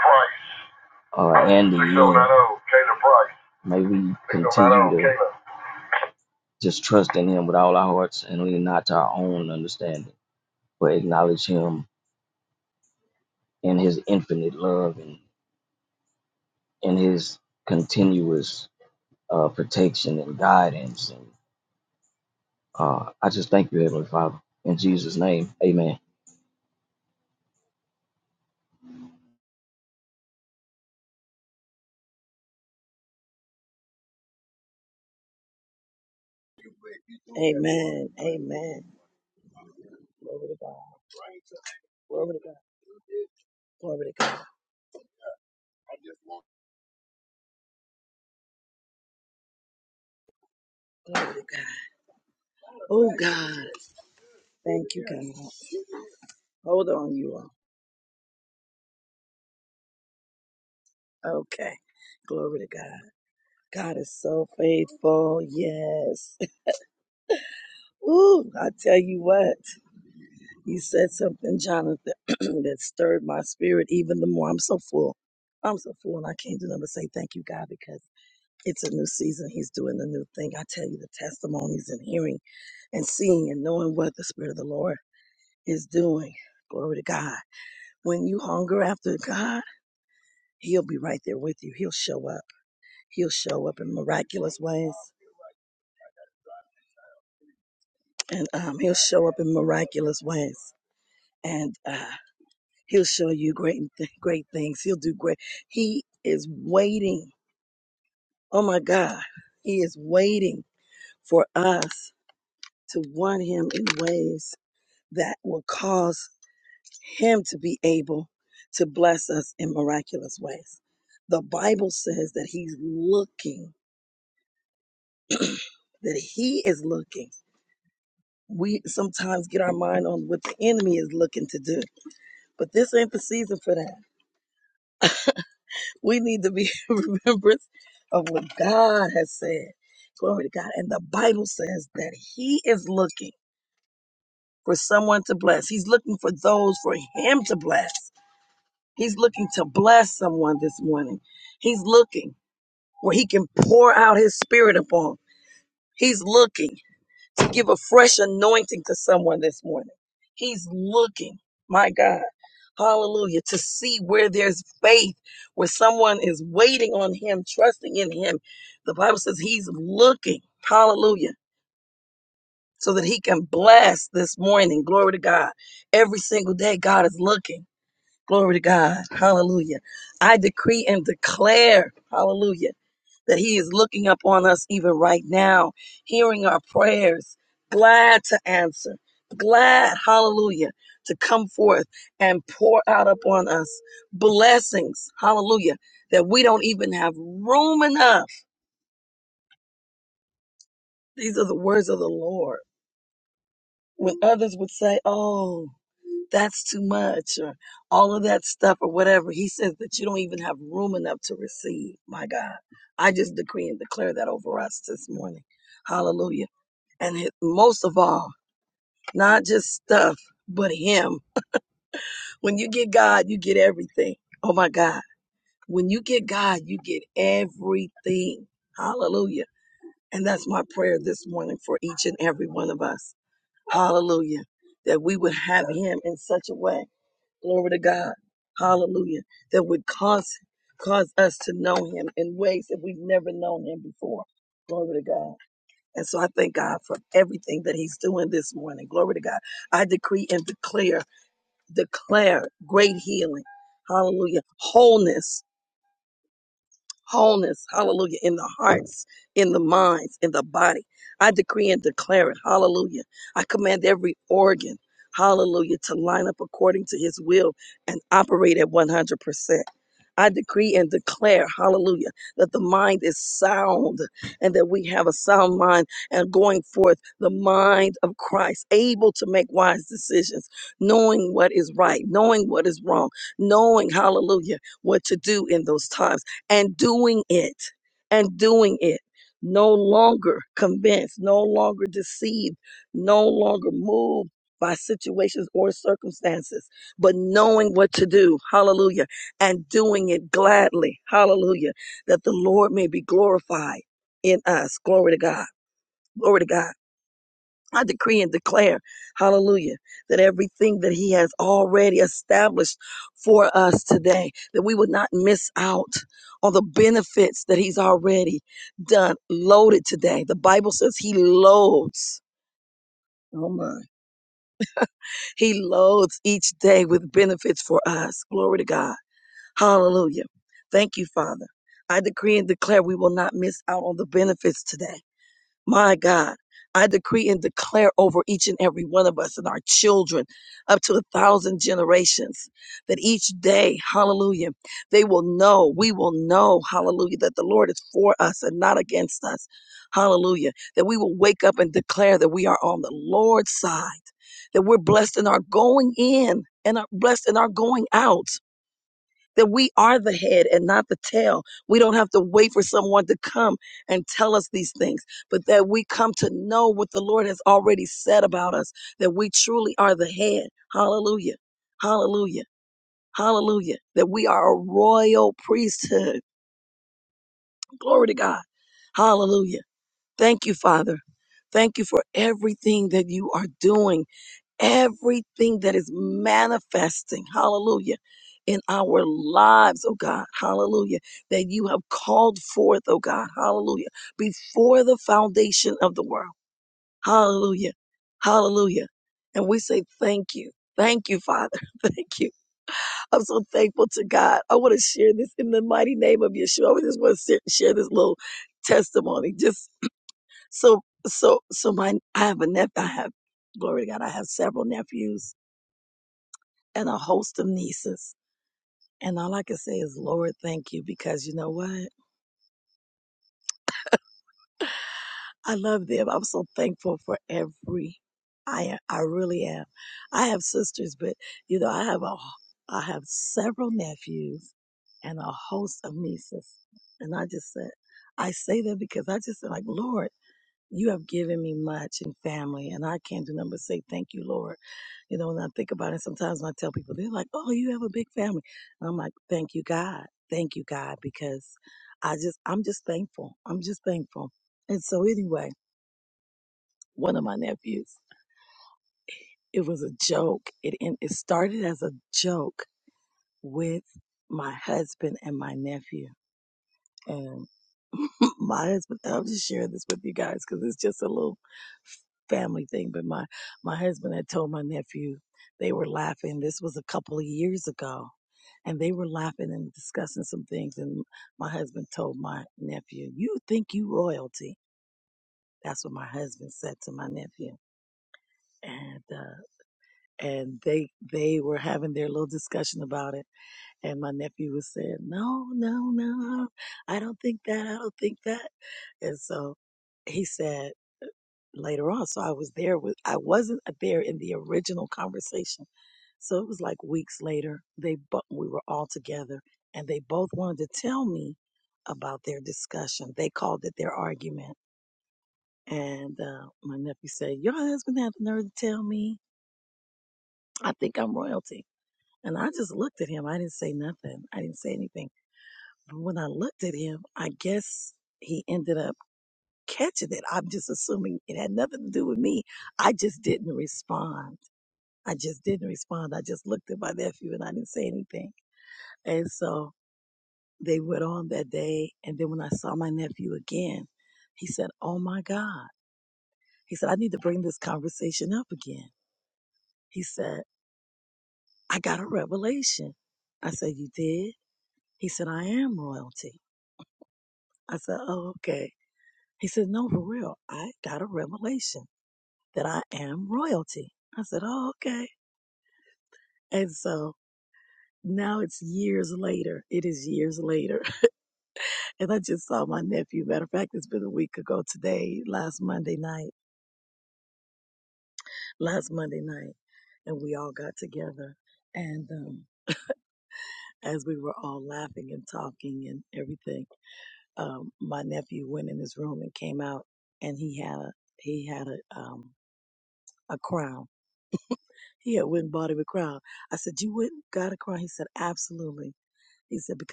[SPEAKER 7] Price. Uh, and the Please don't end. let her, Kayla Price. May we Please don't let her, continue owe to Kayla. just trust in Him with all our hearts and lean not to our own understanding but acknowledge him in his infinite love and in his continuous uh, protection and guidance. And uh, I just thank you, Heavenly Father. In Jesus' name, amen.
[SPEAKER 1] Right.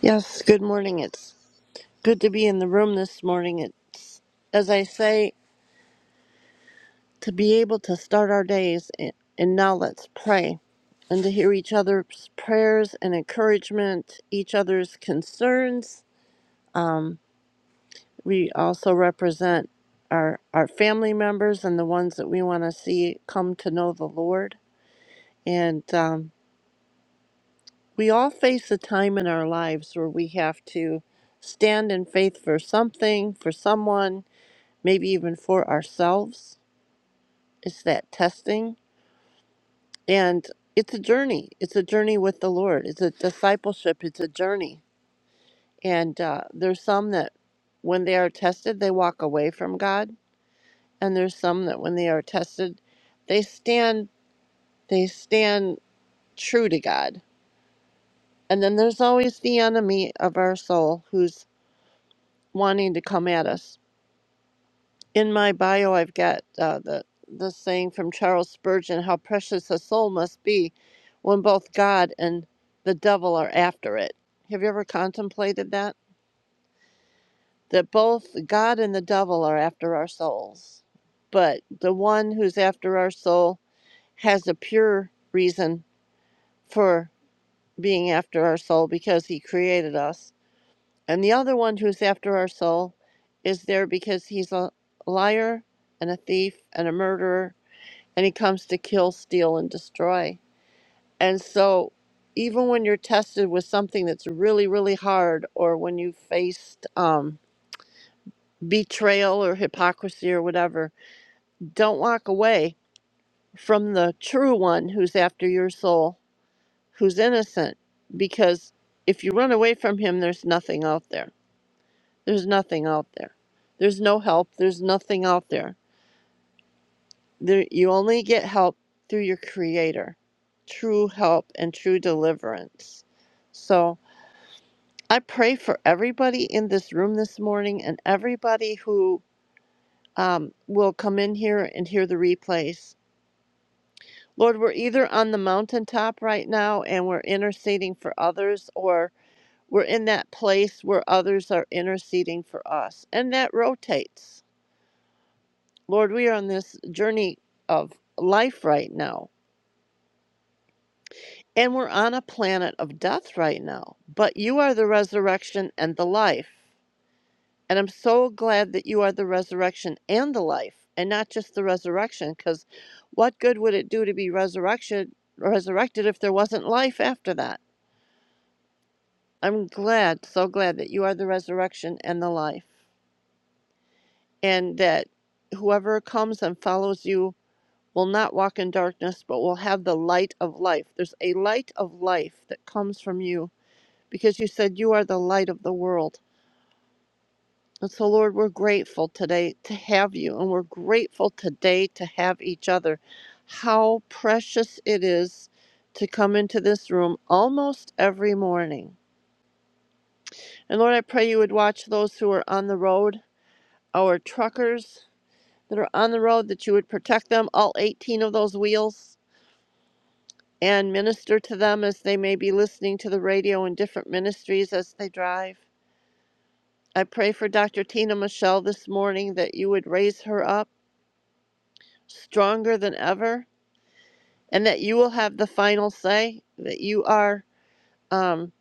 [SPEAKER 8] Yes, good morning. It's good to be in the room this morning. It's, as I say, to be able to start our days, and, and now let's pray. And to hear each other's prayers and encouragement, each other's concerns. We also represent our, our family members and the ones that we want to see come to know the Lord. And um, we all face a time in our lives where we have to stand in faith for something, for someone, maybe even for ourselves. It's that testing. And it's a journey. It's a journey with the Lord. It's a discipleship. It's a journey. And uh, there's some that when they are tested, they walk away from God. And there's some that when they are tested, they stand, they stand true to God. And then there's always the enemy of our soul who's wanting to come at us in my bio, I've got uh, the the saying from Charles Spurgeon: "How precious a soul must be when both God and the devil are after it." Have you ever contemplated that? That both God and the devil are after our souls, but the one who's after our soul has a pure reason for being after our soul because he created us, and the other one who's after our soul is there because he's a liar and a thief and a murderer and he comes to kill, steal, and destroy. And so, even when you're tested with something that's really, really hard, or when you faced um, betrayal or hypocrisy or whatever, don't walk away from the true one who's after your soul, who's innocent, because if you run away from him, there's nothing out there. There's nothing out there. There's no help. There's nothing out there There, you only get help through your Creator, true help and true deliverance. So I pray for everybody in this room this morning and everybody who um, will come in here and hear the replays. Lord, we're either on the mountaintop right now and we're interceding for others, or we're in that place where others are interceding for us. And that rotates. Lord, we are on this journey of life right now And we're on a planet of death right now. But you are the resurrection and the life. And I'm so glad that you are the resurrection and the life, and not just the resurrection, because what good would it do to be resurrection resurrected if there wasn't life after that? I'm glad, so glad that you are the resurrection and the life. And that whoever comes and follows you will not walk in darkness, but will have the light of life. There's a light of life that comes from you because you said you are the light of the world. And so, Lord, we're grateful today to have you, and we're grateful today to have each other. How precious it is to come into this room almost every morning. And Lord, I pray you would watch those who are on the road, our truckers that are on the road, that you would protect them, all 18 of those wheels, and minister to them as they may be listening to the radio in different ministries as they drive. I pray for Dr. Tina Michelle this morning that you would raise her up stronger than ever and that you will have the final say that you are um,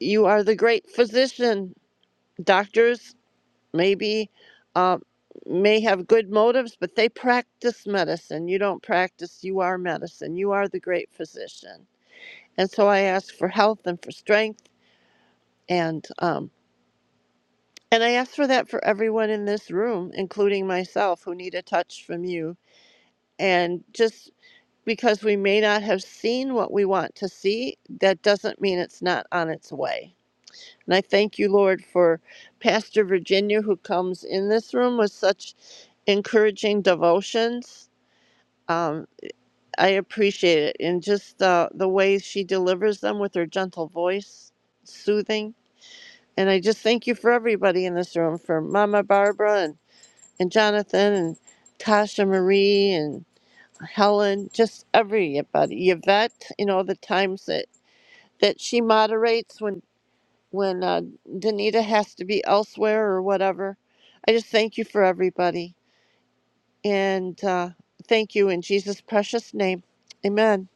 [SPEAKER 8] you are the great physician. Doctors maybe uh, may have good motives, but they practice medicine. You don't practice, you are medicine. You are the great physician. And so I ask for health and for strength and um, and I ask for that for everyone in this room, including myself, who need a touch from you And just because we may not have seen what we want to see, that doesn't mean it's not on its way. And I thank you, Lord, for Pastor Virginia, who comes in this room with such encouraging devotions. Um, I appreciate it. And just the, the ways she delivers them with her gentle voice, soothing. And I just thank you for everybody in this room, for Mama Barbara and, and Jonathan and Tasha Marie and. Helen, just everybody, Yvette, you know, the times that, that she moderates when, when uh, Danita has to be elsewhere or whatever. I just thank you for everybody. And uh, thank you in Jesus' precious name. Amen.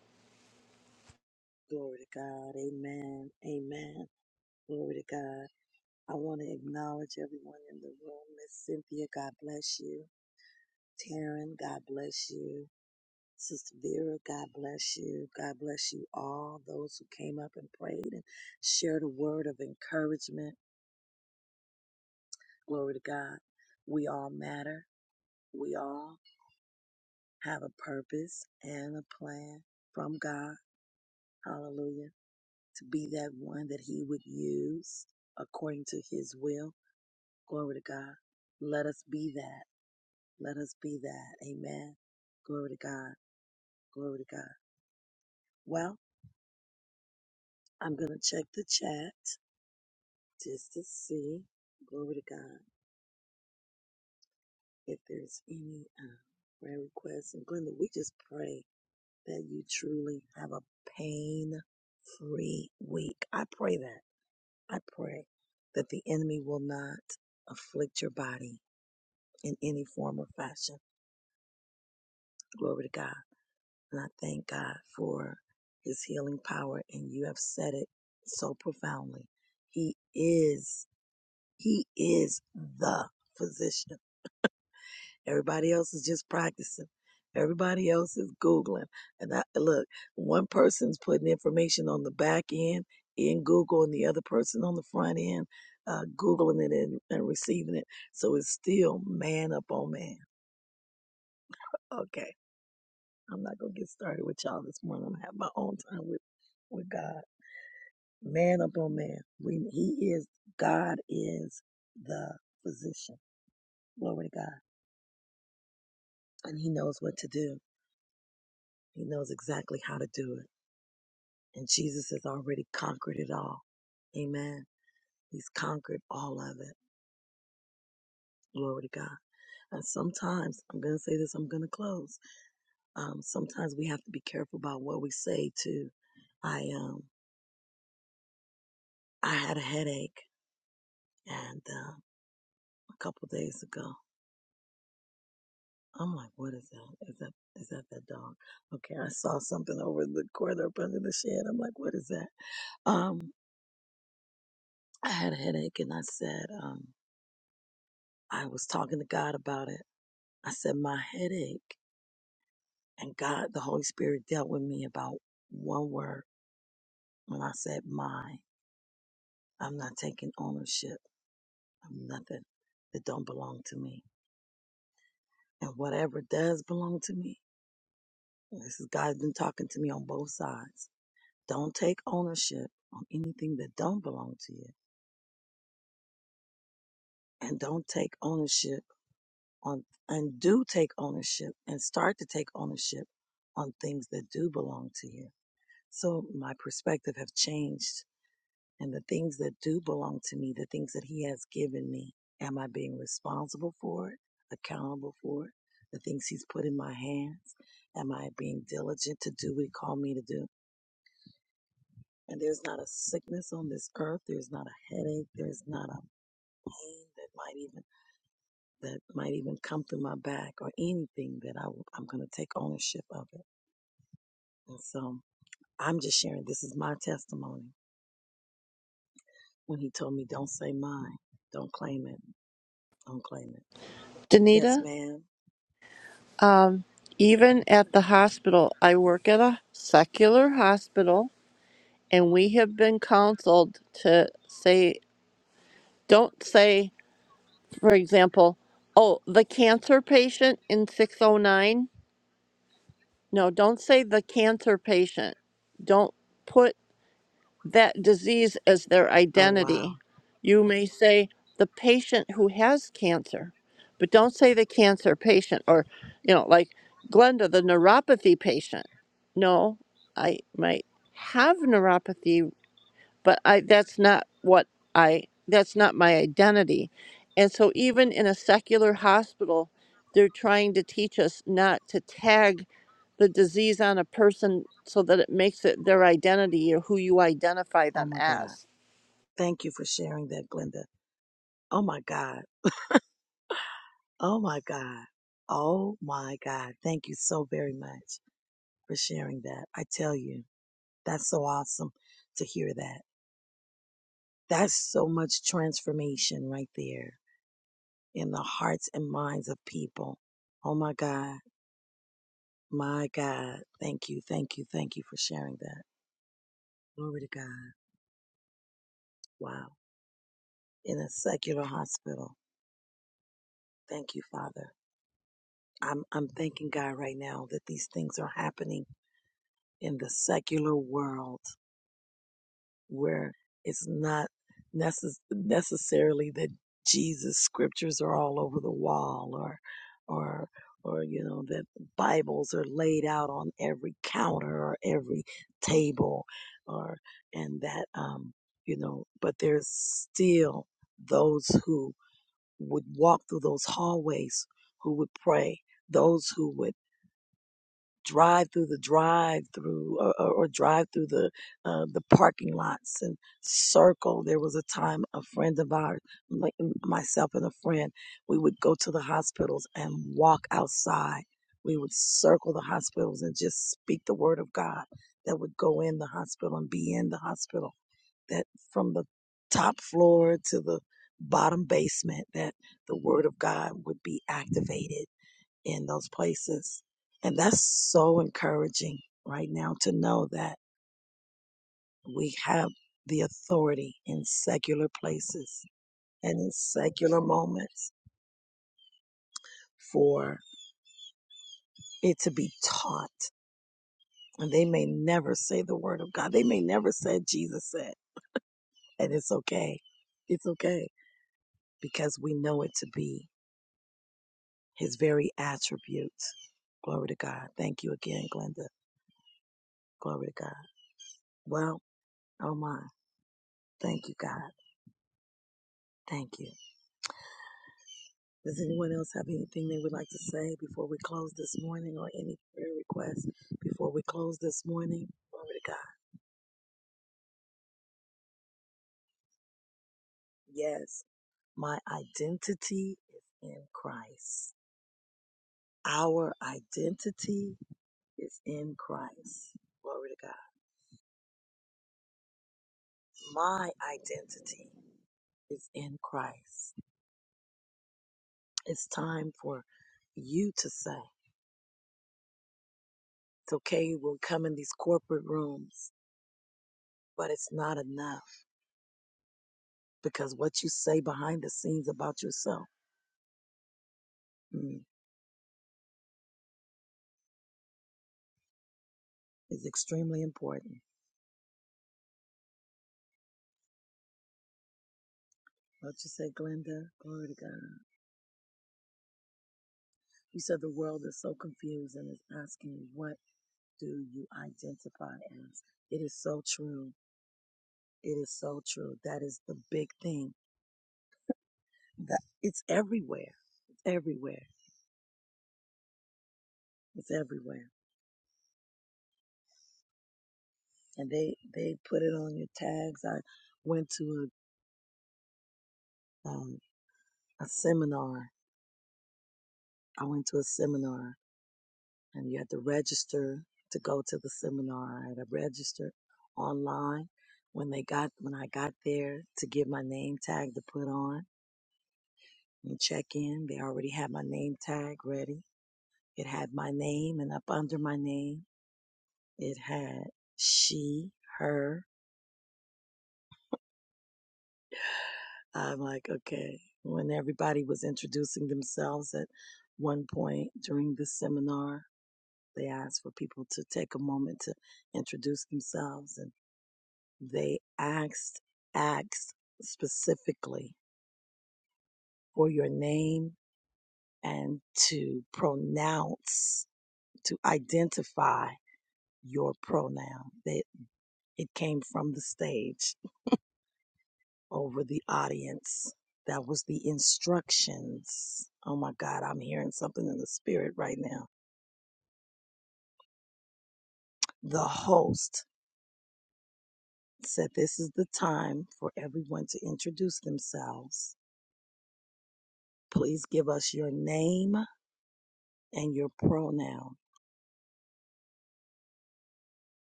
[SPEAKER 8] Danita, um, even at the hospital, I work at a secular hospital, and we have been counseled to say, don't say, for example, oh, the cancer patient in 609 No, don't say the cancer patient. Don't put that disease as their identity. You may say the patient who has cancer, but don't say the cancer patient or, you know, like Glenda, the neuropathy patient. No, I might have neuropathy but I that's not what I that's not my identity. And so even in a secular hospital, they're trying to teach us not to tag the disease on a person so that it makes it their identity or who you identify them as.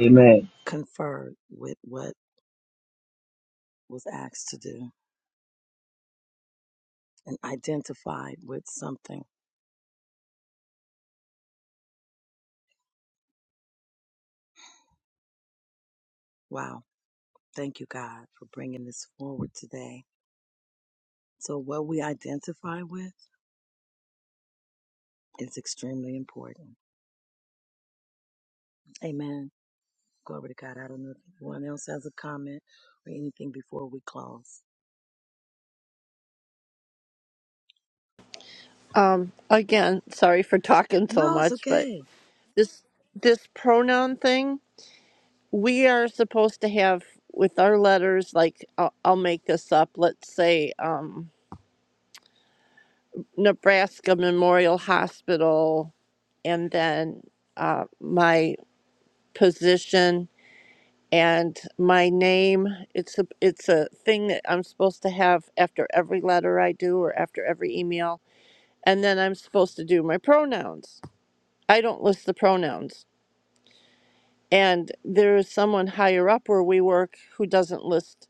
[SPEAKER 7] Amen.
[SPEAKER 8] Um, again, sorry for [LAUGHS] talking so much, but this this pronoun thing we are supposed to have with our letters. Like I'll, I'll make this up. Let's say um, Nebraska Memorial Hospital and then uh, my position and my name. It's a it's a thing that I'm supposed to have after every letter I do or after every email, and then I'm supposed to do my pronouns. I don't list the pronouns, and there is someone higher up where we work who doesn't list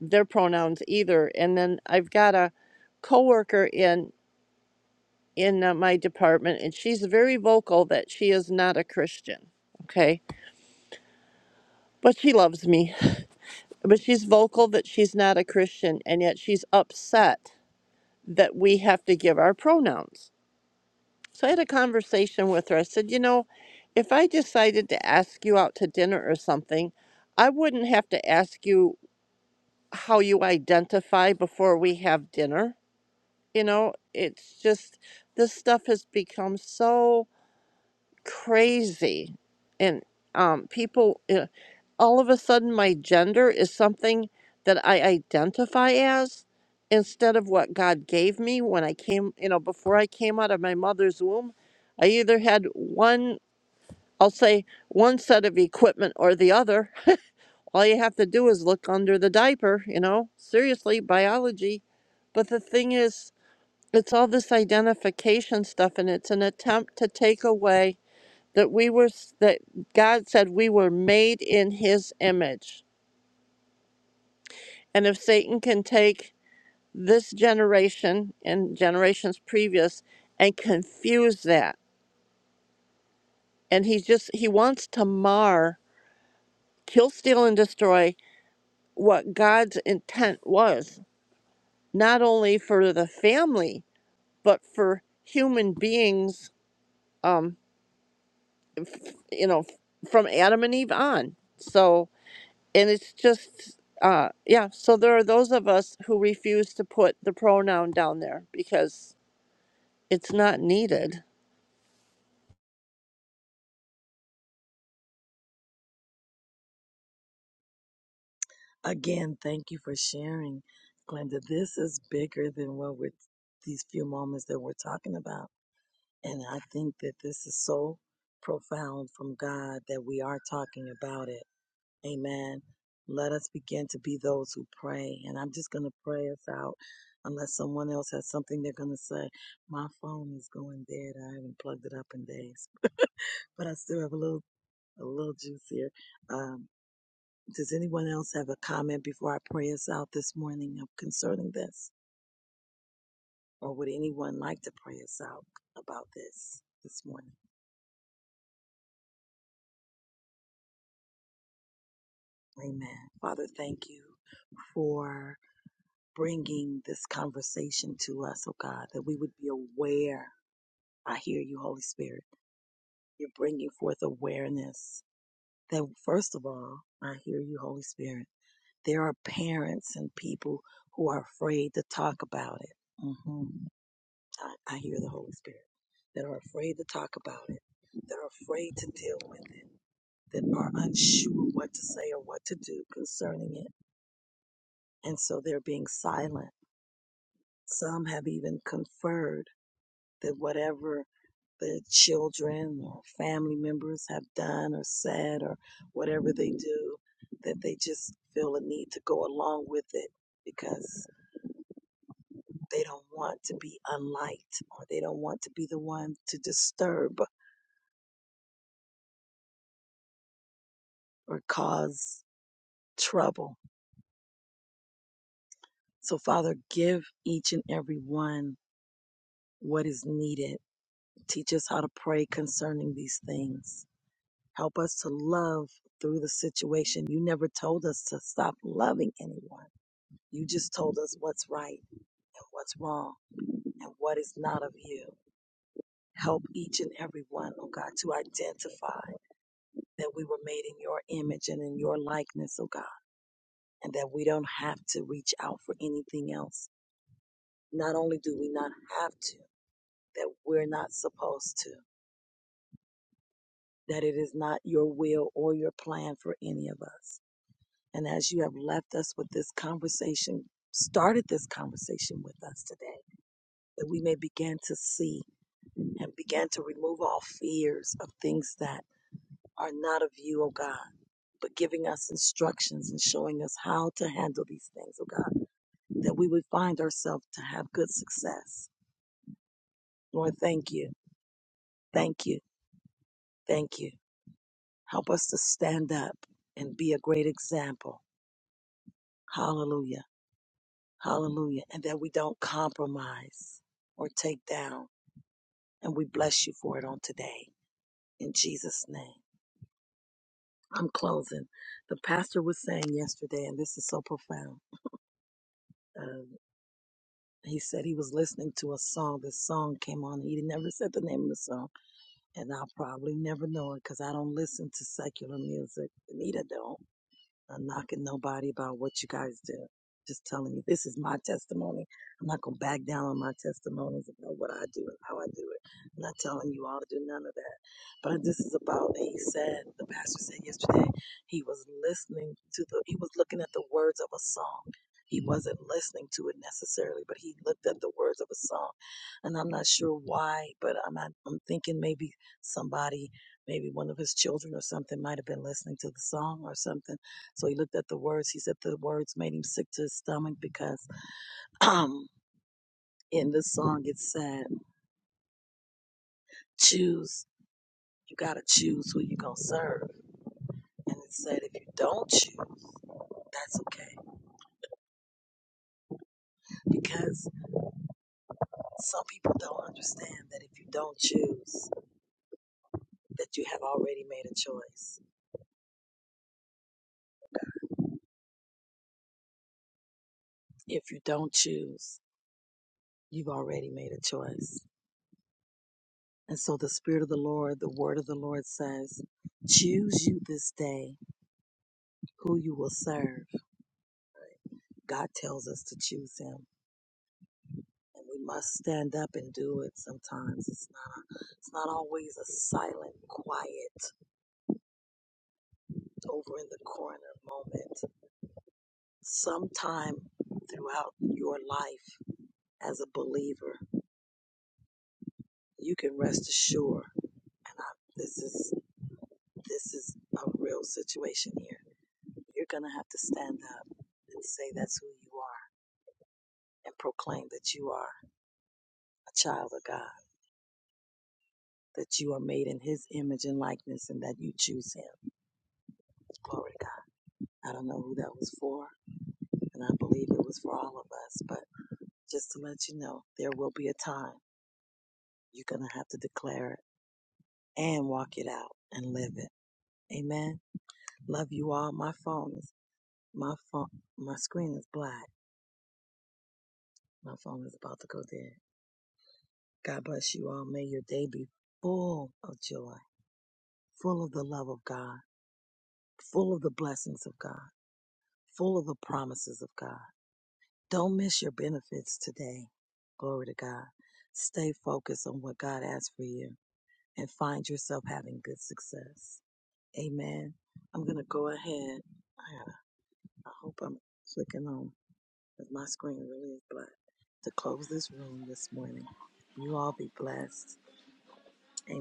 [SPEAKER 8] their pronouns either. And then I've got a coworker in in uh, my department, and she's very vocal that she is not a Christian. Okay, but she loves me But she's vocal that she's not a Christian, and yet she's upset that we have to give our pronouns. So I had a conversation with her. I said, You know, if I decided to ask you out to dinner or something, I wouldn't have to ask you how you identify before we have dinner. You know, it's just this stuff has become so crazy and um, people uh, all of a sudden my gender is something that i identify as instead of what god gave me when i came you know before i came out of my mother's womb i either had one i'll say one set of equipment or the other all you have to do is look under the diaper you know seriously biology but the thing is it's all this identification stuff and it's an attempt to take away that we were that God said we were made in his image. And if Satan can take this generation and generations previous and confuse that and he just he wants to mar, kill, steal and destroy what God's intent was, not only for the family, but for human beings um you know from Adam and Eve on. So and it's just uh yeah so there are those of us who refuse to put the pronoun down there because it's not needed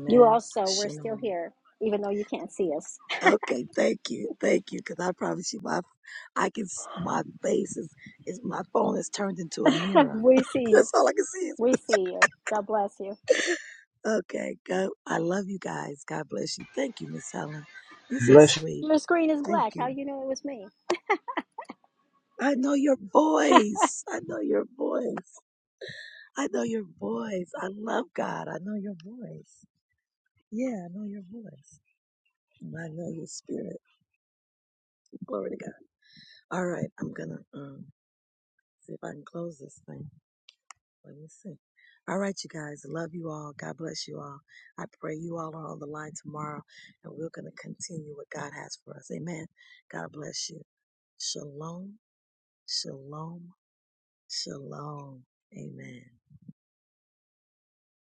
[SPEAKER 4] You also, we're still here, even though you can't see us. [LAUGHS] we see you. We see you. God bless you.
[SPEAKER 7] Bless you.
[SPEAKER 4] Your screen is black. How you know it was me?